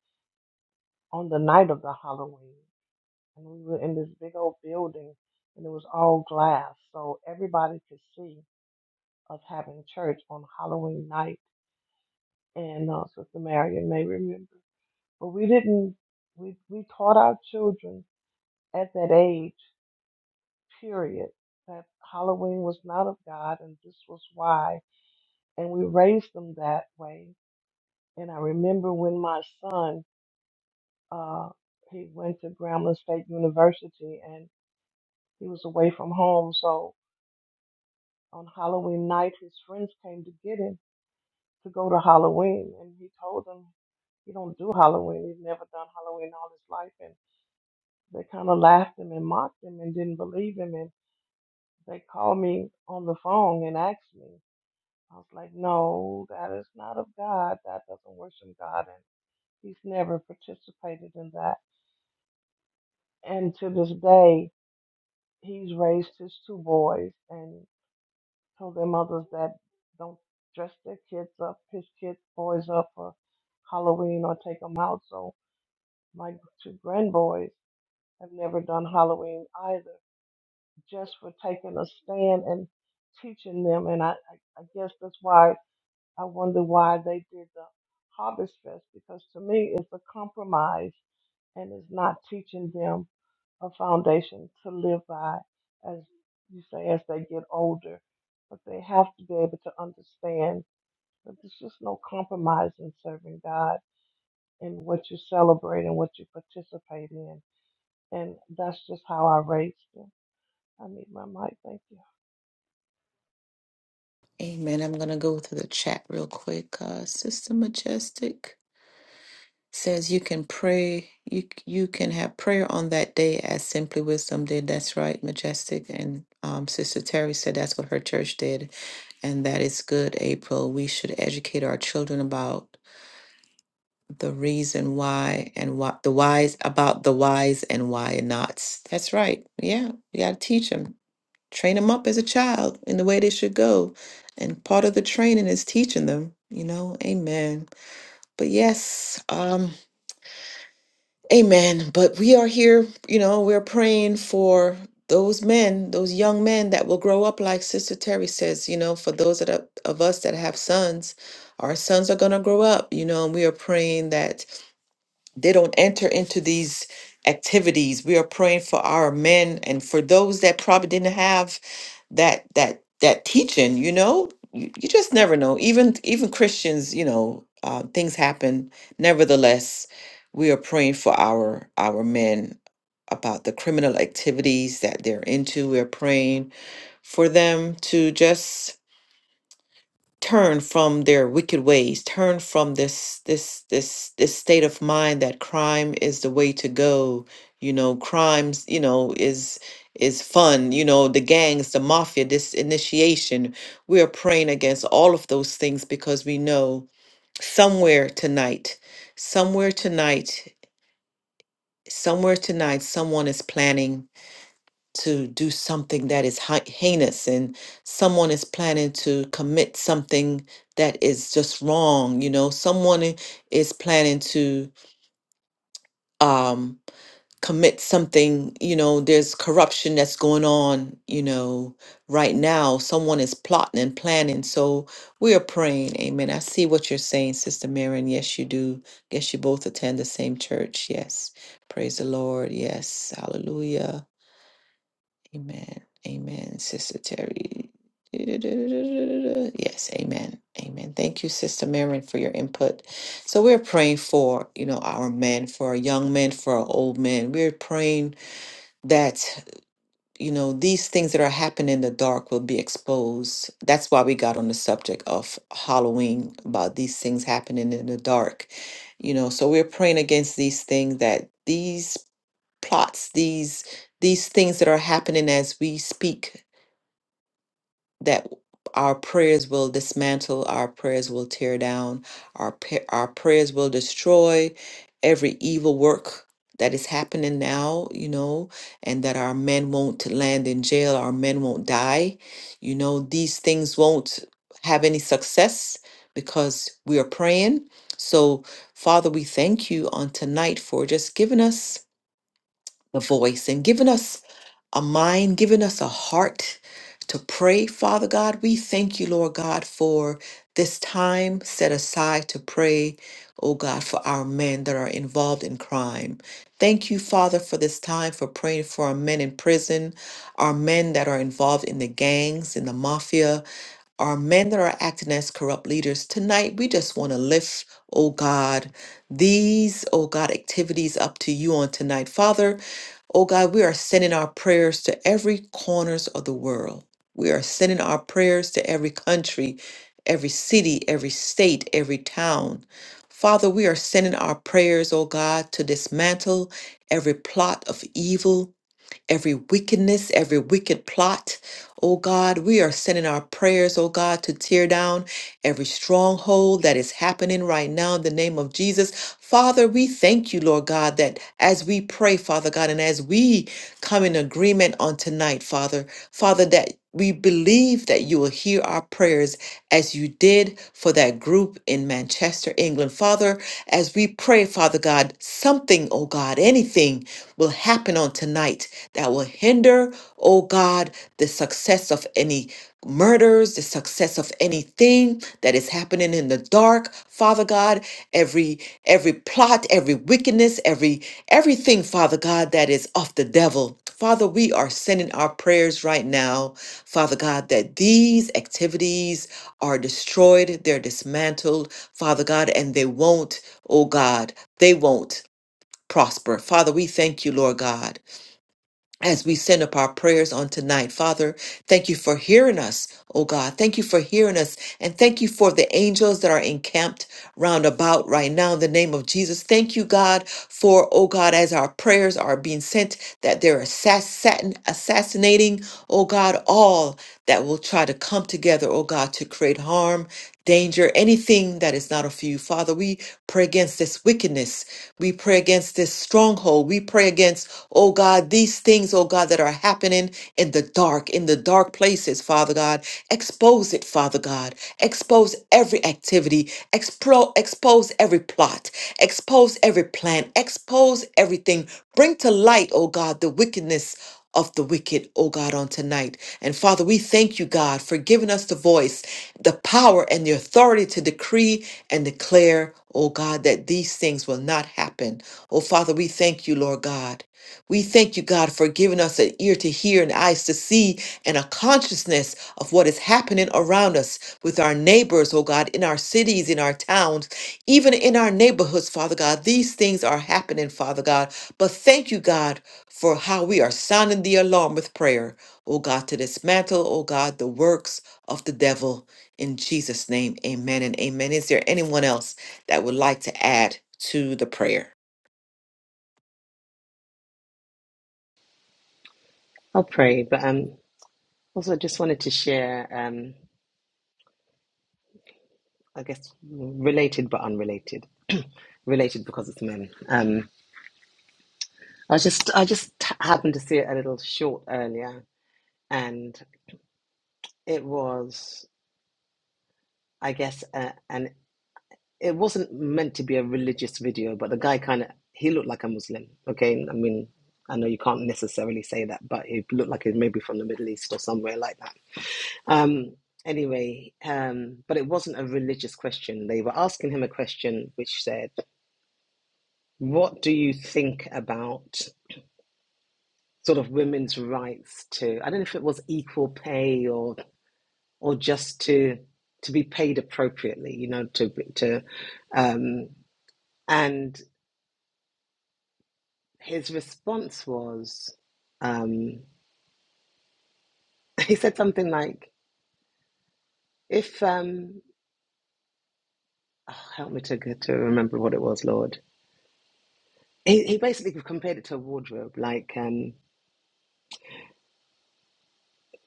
F: on the night of the Halloween. and we were in this big old building and it was all glass so everybody could see us having church on halloween night and uh, sister marion may remember but we didn't we, we taught our children at that age period that halloween was not of god and this was why and we raised them that way and i remember when my son uh, he went to grambling state university and he was away from home so on Halloween night, his friends came to get him to go to Halloween, and he told them he don't do Halloween. He's never done Halloween all his life, and they kind of laughed him and mocked him and didn't believe him, and they called me on the phone and asked me. I was like, no, that is not of God. That doesn't worship God, and he's never participated in that. And to this day, he's raised his two boys, and. told their mothers that don't dress their kids up, pick kids, boys up for Halloween or take them out. So my two grandboys have never done Halloween either, just for taking a stand and teaching them. And I, I, I guess that's why I wonder why they did the Harvest Fest because to me it's a compromise and is not teaching them a foundation to live by as you say as they get older but they have to be able to understand that there's just no compromise in serving god and what you celebrate and what you participate in and that's just how i raised them i need my mic thank you
A: Amen. I'm going to go through the chat real quick. Uh, Sister Majestic says you can pray. You you can have prayer on that day as Simply Wisdom did. That's right, Majestic. And um, Sister Terry said that's what her church did, and that is good. April, we should educate our children about the reason why and what the whys about the whys and why nots. That's right. Yeah, we got to teach them train them up as a child in the way they should go. And part of the training is teaching them, you know, amen. But yes, um, amen. But we are here, you know, we're praying for those men, those young men that will grow up, like Sister Terry says, you know, for those that are, of us that have sons, our sons are going to grow up, you know, and we are praying that they don't enter into these activities. We are praying for our men and for those that probably didn't have that that that teaching you know you, you just never know even even christians you know uh, things happen nevertheless we are praying for our our men about the criminal activities that they're into we're praying for them to just turn from their wicked ways turn from this this this this state of mind that crime is the way to go you know crimes you know is is fun you know the gangs the mafia this initiation we are praying against all of those things because we know somewhere tonight somewhere tonight somewhere tonight someone is planning to do something that is hei- heinous and someone is planning to commit something that is just wrong you know someone i- is planning to um commit something you know there's corruption that's going on you know right now someone is plotting and planning so we are praying amen i see what you're saying sister marion yes you do guess you both attend the same church yes praise the lord yes hallelujah Amen. Amen. Sister Terry. Yes, amen. Amen. Thank you, Sister Marion, for your input. So we're praying for, you know, our men, for our young men, for our old men. We're praying that, you know, these things that are happening in the dark will be exposed. That's why we got on the subject of Halloween about these things happening in the dark. You know, so we're praying against these things that these plots, these these things that are happening as we speak that our prayers will dismantle, our prayers will tear down, our pa- our prayers will destroy every evil work that is happening now, you know, and that our men won't land in jail, our men won't die. You know, these things won't have any success because we are praying. So, Father, we thank you on tonight for just giving us the voice and giving us a mind, giving us a heart to pray, Father God. We thank you, Lord God, for this time set aside to pray, oh God, for our men that are involved in crime. Thank you, Father, for this time for praying for our men in prison, our men that are involved in the gangs, in the mafia, our men that are acting as corrupt leaders. Tonight, we just want to lift, oh God, these, oh God, activities up to you on tonight. Father, Oh God, we are sending our prayers to every corners of the world. We are sending our prayers to every country, every city, every state, every town. Father, we are sending our prayers, oh God, to dismantle every plot of evil every wickedness, every wicked plot. Oh God, we are sending our prayers, oh God, to tear down every stronghold that is happening right now in the name of Jesus. Father, we thank you, Lord God, that as we pray, Father God, and as we come in agreement on tonight, Father, Father, that we believe that you will hear our prayers as you did for that group in Manchester, England. Father, as we pray, Father God, something, oh God, anything will happen on tonight that will hinder, oh God, the success of any murders, the success of anything that is happening in the dark, Father God, every every plot, every wickedness, every everything, Father God, that is of the devil. Father, we are sending our prayers right now, Father God, that these activities are destroyed, they're dismantled, Father God, and they won't, oh God, they won't prosper. Father, we thank you, Lord God as we send up our prayers on tonight. Father, thank you for hearing us, oh God. Thank you for hearing us. And thank you for the angels that are encamped round about right now in the name of Jesus. Thank you, God, for, oh God, as our prayers are being sent, that they're assassin- assassinating, oh God, all that will try to come together, oh God, to create harm. Danger, anything that is not of you. Father, we pray against this wickedness. We pray against this stronghold. We pray against Oh God, these things, oh God, that are happening in the dark, in the dark places, Father God. Expose it, Father God. Expose every activity. Explo- expose every plot. Expose every plan. Expose everything. Bring to light, oh God, the wickedness of the wicked, oh God, on tonight. And Father, we thank you, God, for giving us the voice, the power, and the authority to decree and declare, oh God, that these things will not happen. Oh Father, we thank you, Lord God. We thank you, God, for giving us an ear to hear and eyes to see and a consciousness of what is happening around us with our neighbors, oh God, in our cities, in our towns, even in our neighborhoods, Father God. These things are happening, Father God. But thank you, God, for how we are sounding the alarm with prayer, oh God, to dismantle, oh God, the works of the devil. In Jesus' name, amen and amen. Is there anyone else that would like to add to the prayer?
B: i'll pray but um Also, I just wanted to share, um, I guess, related but unrelated. [clears throat] related because it's men. Um, I was just, I just happened to see a little short earlier, and it was, I guess, uh, and it wasn't meant to be a religious video, but the guy kind of he looked like a Muslim. Okay, I mean, I know you can't necessarily say that, but he looked like he was maybe from the Middle East or somewhere like that. Um, anyway, um, but it wasn't a religious question. They were asking him a question which said. What do you think about sort of women's rights to, I don't know if it was equal pay or or just to to be paid appropriately, you know, to to um and his response was um [laughs] he said something like if um oh, help me to to remember what it was, Lord. He he basically compared it to a wardrobe, like um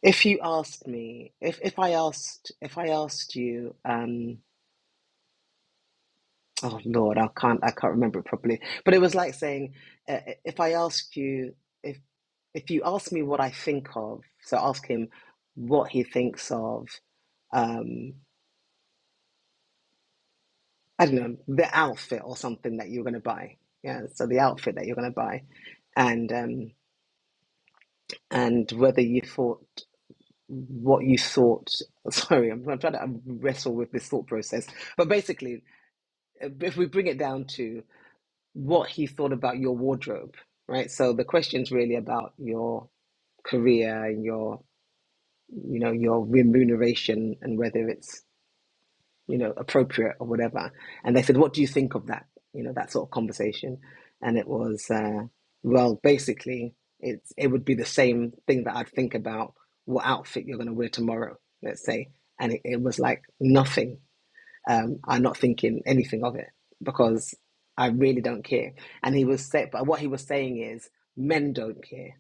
B: if you asked me, if if I asked if I asked you um Oh Lord, I can't I can't remember it properly. But it was like saying, uh, uh, if I asked you if if you ask me what I think of, so ask him what he thinks of, um, I don't know, the outfit or something that you're going to buy. Yeah, so the outfit that you're going to buy, and um, and whether you thought what you thought. [laughs] Sorry, I'm, I'm trying to wrestle with this thought process. But basically, if we bring it down to what he thought about your wardrobe, right? So the question's really about your career and your, you know, your remuneration and whether it's, you know, appropriate or whatever. And they said, what do you think of that? You know, that sort of conversation. And it was, uh, well, basically, it's it would be the same thing that I'd think about what outfit you're going to wear tomorrow, let's say. And it, it was like nothing um, are not thinking anything of it because I really don't care. And he was saying, but what he was saying is, men don't care.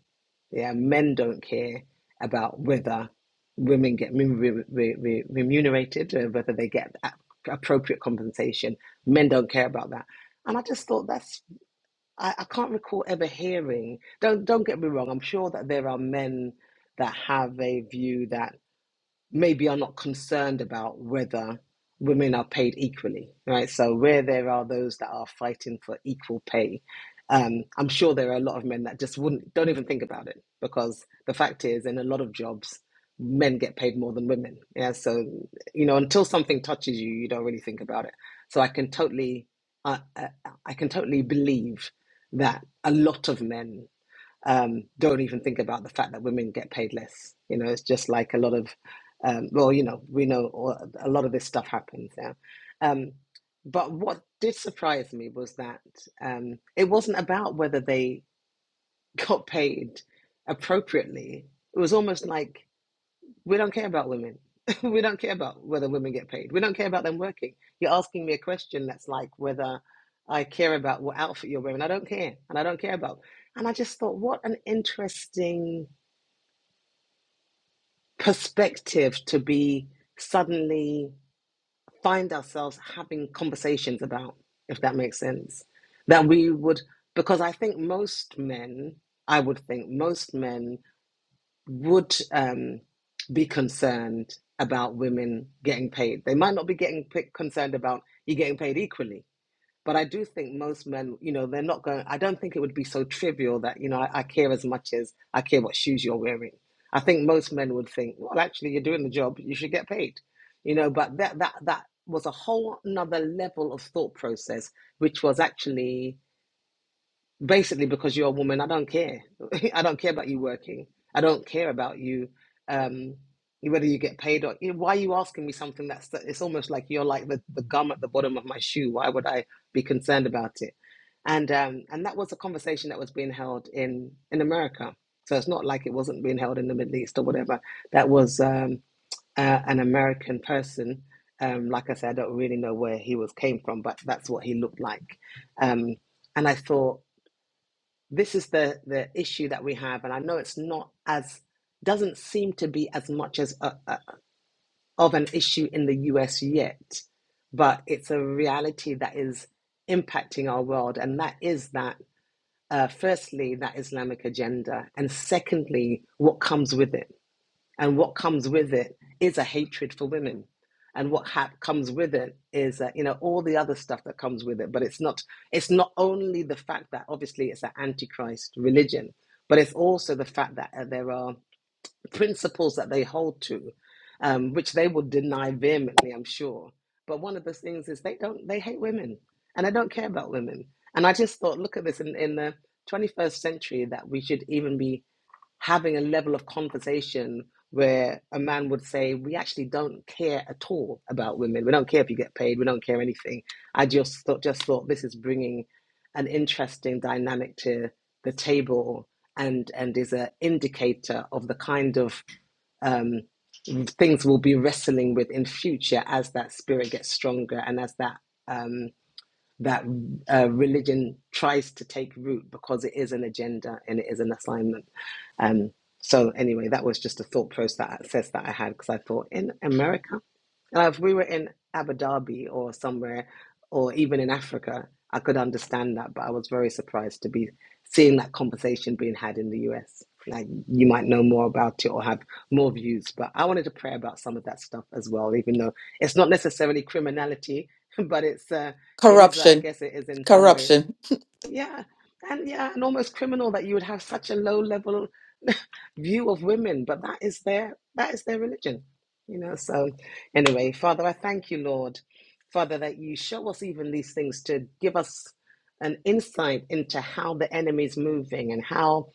B: Yeah, men don't care about whether women get remu- re- re- re- remunerated, uh, whether they get appropriate compensation. Men don't care about that. And I just thought that's I, I can't recall ever hearing. Don't don't get me wrong. I'm sure that there are men that have a view that maybe are not concerned about whether women are paid equally, right? So where there are those that are fighting for equal pay, um, I'm sure there are a lot of men that just wouldn't don't even think about it because the fact is, in a lot of jobs, men get paid more than women. Yeah, so you know, until something touches you, you don't really think about it. So I can totally, I I can totally believe that a lot of men um, don't even think about the fact that women get paid less. You know, it's just like a lot of, um, well, you know, we know a lot of this stuff happens now. Um, but what did surprise me was that um, it wasn't about whether they [laughs] got paid appropriately. It was almost like we don't care about women. [laughs] we don't care about whether women get paid. We don't care about them working. You're asking me a question that's like whether I care about what outfit you're wearing. I don't care. And I don't care about. And I just thought, what an interesting perspective to be suddenly find ourselves having conversations about, if that makes sense. That we would, because I think most men, I would think most men would um, be concerned about women getting paid. They might not be getting p- concerned about you getting paid equally, but I do think most men, you know, they're not going. I don't think it would be so trivial that you know I, I care as much as I care what shoes you're wearing. I think most men would think, well, actually, you're doing the job, you should get paid, you know. But that that that was a whole another level of thought process, which was actually basically because you're a woman i don't care [laughs] i don't care about you working i don't care about you um whether you get paid or you know, why are you asking me something that's it's almost like you're like the, the gum at the bottom of my shoe why would i be concerned about it and um and that was a conversation that was being held in in america so it's not like it wasn't being held in the middle east or whatever that was um uh, an american person um like i said i don't really know where he was came from but that's what he looked like um and i thought this is the the issue that we have and i know it's not as doesn't seem to be as much as a, a, of an issue in the us yet but it's a reality that is impacting our world and that is that uh, firstly that islamic agenda and secondly what comes with it and what comes with it is a hatred for women. And what hap comes with it is, uh, you know, all the other stuff that comes with it. But it's not, it's not only the fact that obviously it's an antichrist religion, but it's also the fact that uh, there are principles that they hold to, um, which they will deny vehemently, I'm sure. But one of the things is they don't, they hate women and they don't care about women. And I just thought, look at this in, in the 21st century that we should even be having a level of conversation where a man would say, We actually don't care at all about women. We don't care if you get paid. We don't care anything. I just thought, just thought this is bringing an interesting dynamic to the table and, and is an indicator of the kind of um, things we'll be wrestling with in future as that spirit gets stronger and as that. um, that uh, religion tries to take root because it is an agenda and it is an assignment. Um, so anyway, that was just a thought process that, process that I had because I thought in America now, if we were in Abu Dhabi or somewhere, or even in Africa, I could understand that, but I was very surprised to be seeing that conversation being had in the US. Like you might know more about it or have more views, but I wanted to pray about some of that stuff as well, even though it's not necessarily criminality, [laughs] but it's uh, it is uh, I
A: Corruption.
B: guess it is in some way
A: Corruption.
B: yeah, and yeah, and almost criminal that you would have such a low level [laughs] view of women, but that is their that is their religion, you know. So anyway, Father, I thank you, Lord, Father, that you show us even these things to give us an insight into how the enemy is moving and how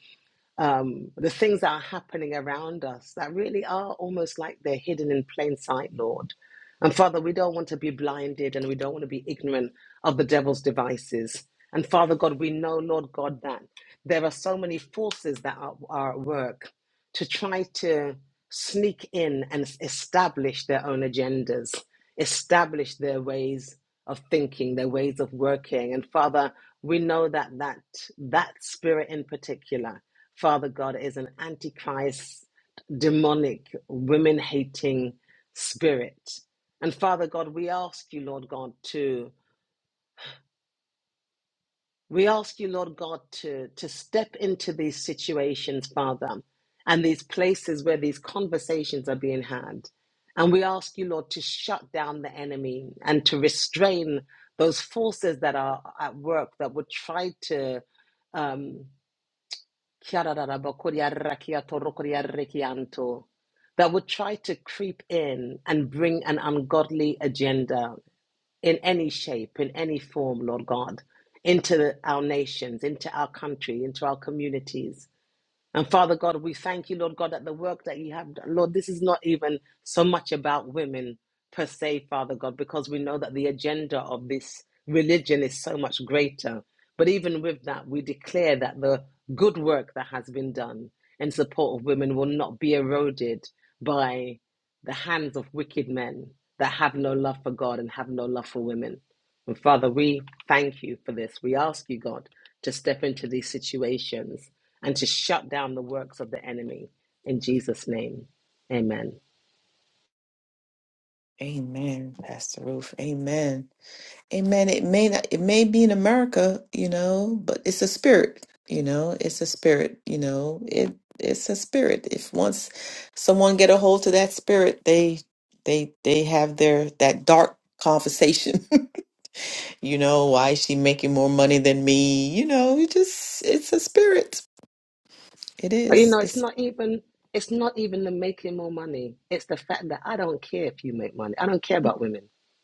B: um, the things that are happening around us that really are almost like they're hidden in plain sight, Lord. And Father, we don't want to be blinded and we don't want to be ignorant of the devil's devices. And Father God, we know, Lord God, that there are so many forces that are, are at work to try to sneak in and s- establish their own agendas, establish their ways of thinking, their ways of working. And Father, we know that that, that spirit in particular Father God is an antichrist, demonic, women hating spirit. And Father God, we ask you, Lord God, to we ask you, Lord God, to, to step into these situations, Father, and these places where these conversations are being had. And we ask you, Lord, to shut down the enemy and to restrain those forces that are at work that would try to um. Kiarararabakuriarakiatorokuriarakianto, that would try to creep in and bring an ungodly agenda in any shape, in any form, Lord God, into our nations, into our country, into our communities. And Father God, we thank you, Lord God, that the work that you have done, Lord, this is not even so much about women per se, Father God, because we know that the agenda of this religion is so much greater. But even with that, we declare that the good work that has been done in support of women will not be eroded by the hands of wicked men that have no love for God and have no love for women. And Father, we thank you for this. We ask you, God, to step into these situations and to shut down the works of the enemy in Jesus' name. Amen.
A: Amen, Pastor Ruth. Amen. Amen. It may not it may be in America, you know, but it's a spirit, you know, it's a spirit, you know. It it's a spirit. If once someone get a hold to that spirit, they they they have their that dark conversation. [laughs] You know, why is she making more money than me? You know, it just, it's a spirit. It
B: But you know,
A: is.
B: it's
A: It's,
B: not even it's not even the making more money. It's the fact that I don't care if you make money. I don't care about women.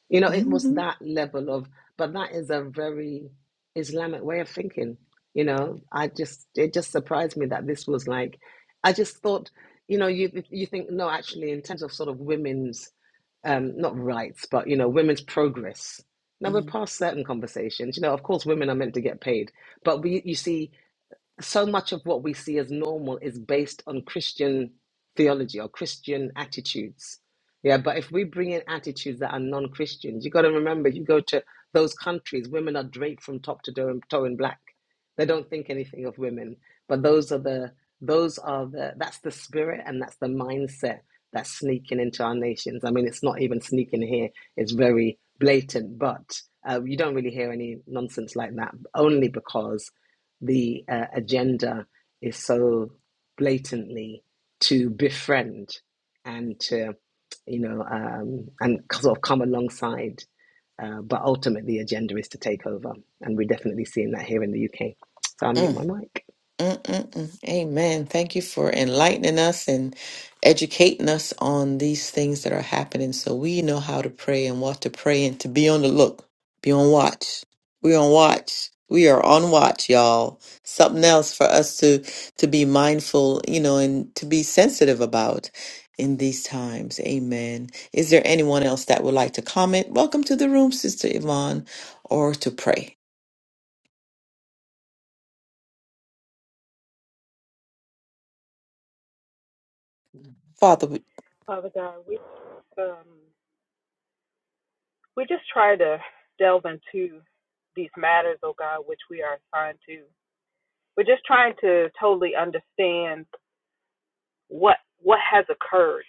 B: You know, it was
A: mm-hmm.
B: that level of but that is a very Islamic way of thinking. You know, I just it just surprised me that this was like I just thought, you know, you you think no, actually in terms of sort of women's um, not rights, but you know, women's progress. Now we're
A: Mm.
B: past certain conversations. You know, of course, women are meant to get paid, but we, you see, so much of what we see as normal is based on Christian theology or Christian attitudes. Yeah, but if we bring in attitudes that are non Christians, you got to remember you go to those countries, women are draped from top to toe toe in black. They don't think anything of women, but those are the those are the that's the spirit and that's the mindset that's sneaking into our nations. I mean, it's not even sneaking here; it's very blatant. But uh, you don't really hear any nonsense like that, only because the uh, agenda is so blatantly to befriend and to, you know, um, and sort of come alongside. Uh, but ultimately, the agenda is to take over, and we're definitely seeing that here in the UK. So I mute
A: mm
B: my mic.
A: Mm-mm-mm. Amen. Thank you for enlightening us and educating us on these things that are happening so we know how to pray and what to pray and to be on the look, be on watch. We're on watch. We are on watch, y'all. Something else for us to to be mindful, you know, and to be sensitive about in these times. Amen. Is there anyone else that would like to comment? Welcome to the room, Sister Yvonne, or to pray. Father.
C: Father God, we um, we just try to delve into these matters, oh God, which we are assigned to. We're just trying to totally understand what what has occurred.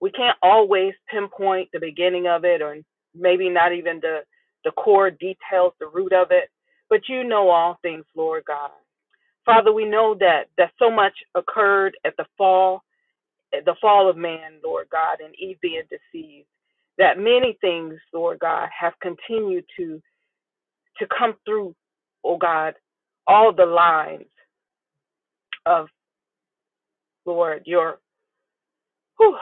C: we can't always pinpoint the beginning of it or maybe not even the the core details the root of it but you know all things lord god father we know that that so much occurred at the fall at the fall of man lord god and eve being deceived that many things lord god have continued to to come through oh god all the lines of lord your whew,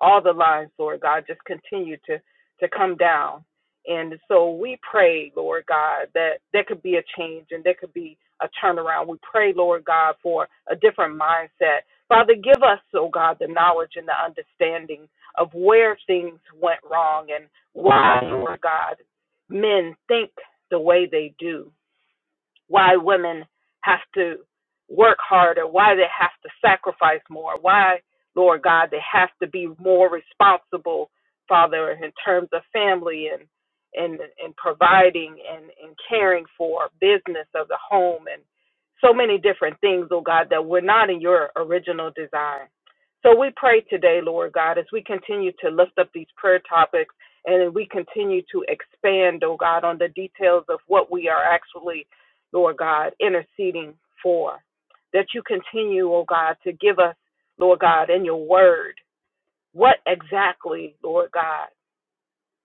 C: all the lines, Lord God, just continue to to come down. And so we pray, Lord God, that there could be a change and there could be a turnaround. We pray, Lord God, for a different mindset. Father, give us, oh God, the knowledge and the understanding of where things went wrong and why, Lord God, men think the way they do why women have to work harder, why they have to sacrifice more, why, Lord God, they have to be more responsible, Father, in terms of family and and, and providing and, and caring for business of the home and so many different things, oh God, that were not in your original design. So we pray today, Lord God, as we continue to lift up these prayer topics and we continue to expand, oh God, on the details of what we are actually Lord God, interceding for. That you continue, oh God, to give us, Lord God, in your word, what exactly, Lord God,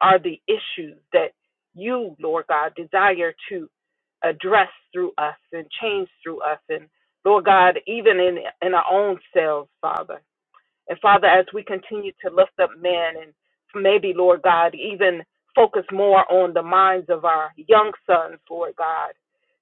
C: are the issues that you, Lord God, desire to address through us and change through us. And Lord God, even in, in our own selves, Father. And Father, as we continue to lift up men and maybe, Lord God, even focus more on the minds of our young sons, Lord God,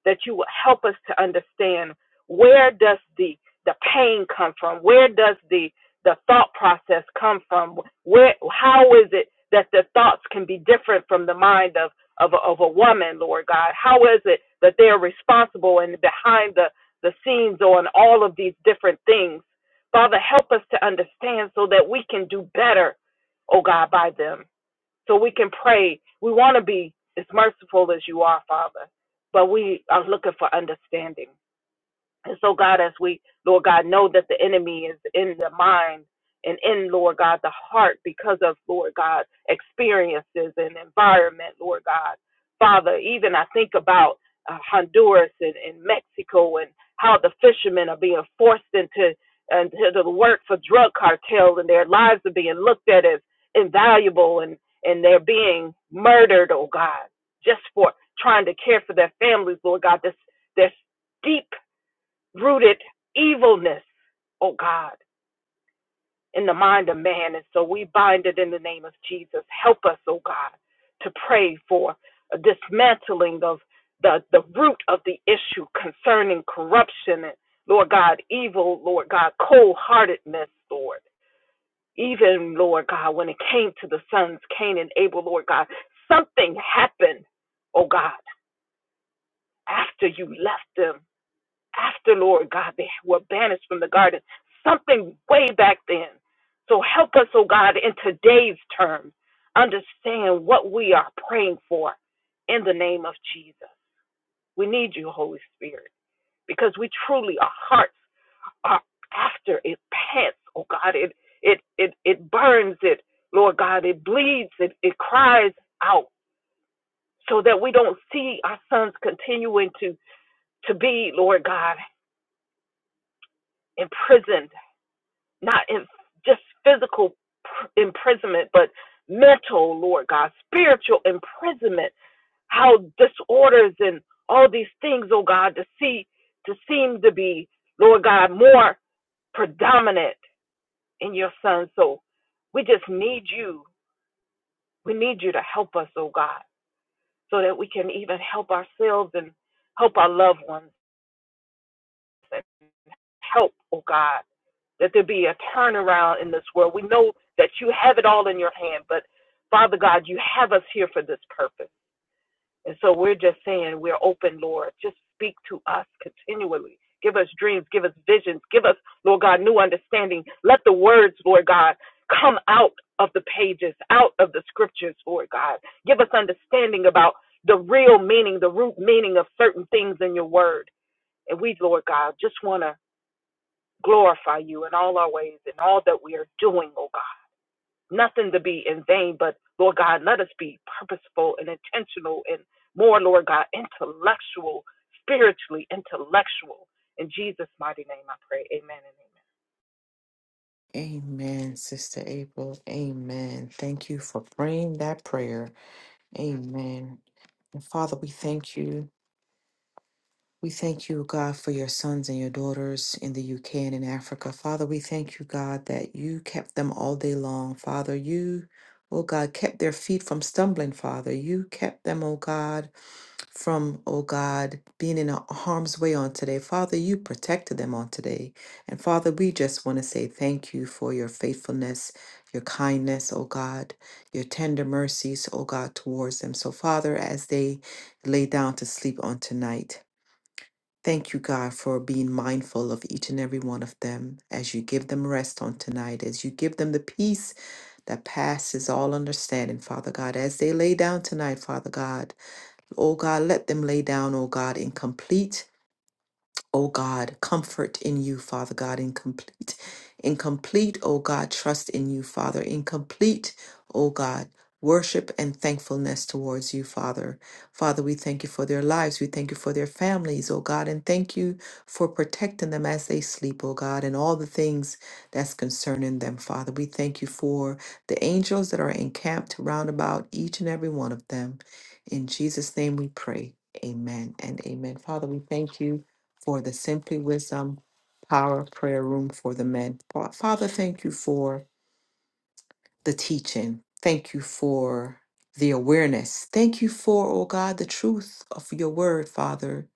C: that you will help us to understand where does the the pain come from? Where does the the thought process come from? Where how is it that the thoughts can be different from the mind of of a, of a woman, Lord God? How is it that they're responsible and behind the the scenes on all of these different things? Father, help us to understand so that we can do better, oh God, by them. So we can pray. We want to be as merciful as you are, Father, but we are looking for understanding. And so, God, as we, Lord God, know that the enemy is in the mind and in, Lord God, the heart because of, Lord God, experiences and environment, Lord God. Father, even I think about uh, Honduras and, and Mexico and how the fishermen are being forced into, into the work for drug cartels and their lives are being looked at as invaluable and, and they're being murdered, oh God, just for trying to care for their families, Lord God. This, this deep rooted evilness, oh God, in the mind of man. And so we bind it in the name of Jesus. Help us, oh God, to pray for a dismantling of the, the root of the issue concerning corruption and, Lord God, evil, Lord God, cold heartedness, Lord. Even, Lord God, when it came to the sons, Cain and Abel, Lord God, something happened, oh God, after you left them. after, Lord God, they were banished from the garden. Something way back then. So help us, oh God, in today's terms, understand what we are praying for in the name of Jesus. We need you, Holy Spirit, because we truly, our hearts are after it pants, oh God. It it it it burns it, Lord God, it bleeds, it, it cries out so that we don't see our sons continuing to to be, Lord God, imprisoned not in just physical imprisonment, but mental, Lord God, spiritual imprisonment, how disorders and all these things, oh God, to see to seem to be, Lord God, more predominant in your son. So we just need you. We need you to help us, oh God, so that we can even help ourselves and help our loved ones and help, oh God. that there be a turnaround in this world. We know that you have it all in your hand, but Father God, you have us here for this purpose. And so we're just saying, we're open, Lord. Just speak to us continually. Give us dreams, give us visions, give us, Lord God, new understanding. Let the words, Lord God, come out of the pages, out of the scriptures, Lord God. Give us understanding about the real meaning, the root meaning of certain things in your word. And we, Lord God, just want to glorify you in all our ways and all that we are doing, oh God. Nothing to be in vain, but Lord God, let us be purposeful and intentional and more, Lord God, intellectual, spiritually intellectual. In Jesus' mighty name I pray. Amen and amen.
A: Amen, Sister April. Amen. Thank you for praying that prayer. Amen. And Father, we thank you. We thank you, God, for your sons and your daughters in the UK and in Africa. Father, we thank you, God, that you kept them all day long. Father, you, oh God, kept their feet from stumbling, Father. You kept them, oh God from, oh God, being in harm's way on today. Father, you protected them on today. And Father, we just want to say thank you for your faithfulness, your kindness, oh God, your tender mercies, oh God, towards them. So, Father, as they lay down to sleep on tonight, Thank you, God, for being mindful of each and every one of them as you give them rest on tonight, as you give them the peace that passes all understanding, Father God, as they lay down tonight, Father God. O God, let them lay down, O God, in complete O God, comfort in you, Father God, incomplete, incomplete, O God, trust in you, Father, incomplete, O God, worship and thankfulness towards you, Father. Father, we thank you for their lives. We thank you for their families, O God, and thank you for protecting them as they sleep, O God, and all the things that's concerning them, Father. We thank you for the angels that are encamped round about each and every one of them. In Jesus' name we pray. Amen and amen. Father, we thank you for the Simply Wisdom Power Prayer Room for the Men. Fa- Father, thank you for the teaching. Thank you for the awareness. Thank you for, oh God, the truth of your word, Father.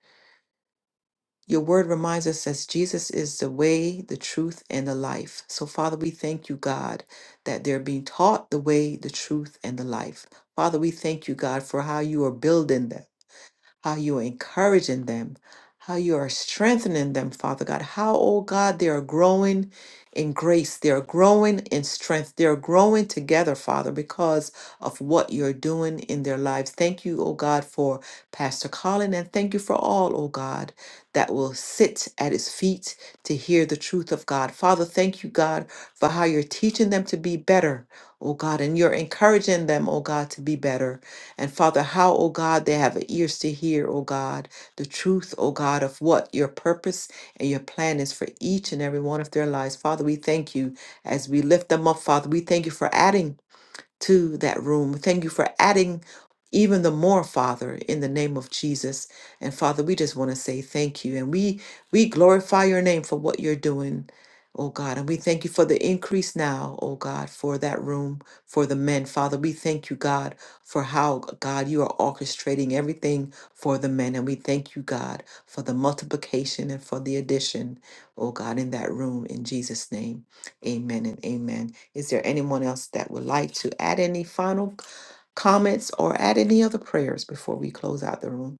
A: Your word reminds us that Jesus is the way, the truth, and the life. So, Father, we thank you, God, that they're being taught the way, the truth, and the life. Father, we thank you, God, for how you are building them. how you're encouraging them, how you are strengthening them, Father God. How, oh God, they are growing in grace, they are growing in strength, they are growing together, Father, because of what you're doing in their lives. Thank you, oh God, for Pastor Colin, and thank you for all, oh God, that will sit at his feet to hear the truth of God. Father, thank you, God, for how you're teaching them to be better, oh God, and you're encouraging them, oh God, to be better. And Father, how, O God, they have ears to hear, O God, the truth, O God, of what your purpose and your plan is for each and every one of their lives. Father, we thank you as we lift them up, Father. We thank you for adding to that room. Thank you for adding even the more, Father, in the name of Jesus. And Father, we just want to say thank you. And we we glorify your name for what you're doing, oh God. And we thank you for the increase now, oh God, for that room, for the men. Father, we thank you, God, for how God you are orchestrating everything for the men. And we thank you, God, for the multiplication and for the addition, oh God, in that room in Jesus' name. Amen and amen. Is there anyone else that would like to add any final comments or add any other prayers before we close out the room?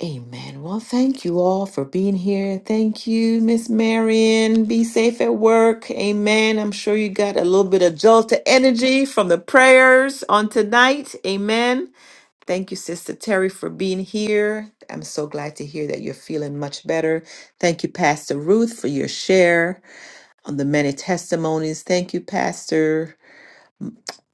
A: Amen. Well, thank you all for being here. Thank you, Miss Marion. Be safe at work. Amen. I'm sure you got a little bit of jolt of energy from the prayers on tonight. Amen. Thank you, Sister Terry, for being here. I'm so glad to hear that you're feeling much better. Thank you, Pastor Ruth, for your share. on the many testimonies. Thank you, Pastor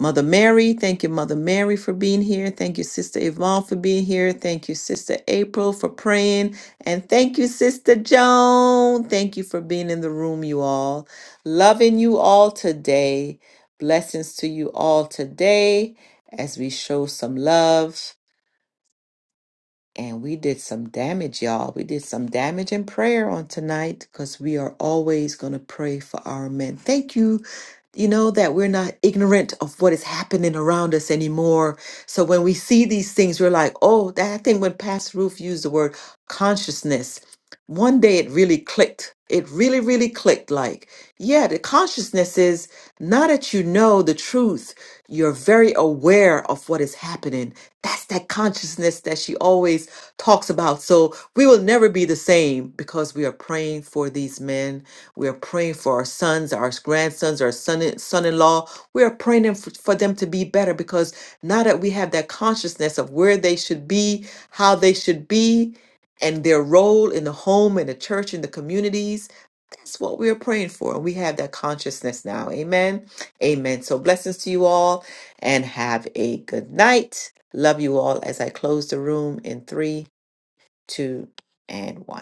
A: Mother Mary. Thank you, Mother Mary, for being here. Thank you, Sister Yvonne, for being here. Thank you, Sister April, for praying. And thank you, Sister Joan. Thank you for being in the room, you all. Loving you all today. Blessings to you all today as we show some love. And we did some damage, y'all. We did some damage in prayer on tonight because we are always going to pray for our men. Thank you. You know, that we're not ignorant of what is happening around us anymore. So when we see these things, we're like, oh, that I think when Pastor Roof used the word consciousness, one day it really clicked. It really, really clicked. Like, yeah, the consciousness is not that you know the truth, you're very aware of what is happening that's that consciousness that she always talks about. So we will never be the same because we are praying for these men. We are praying for our sons, our grandsons, our son son-in-law. We are praying them for, for them to be better because now that we have that consciousness of where they should be, how they should be, and their role in the home, in the church, in the communities. That's what we are praying for. And we have that consciousness now. Amen. Amen. So blessings to you all and have a good night. Love you all as I close the room in three, two, and one.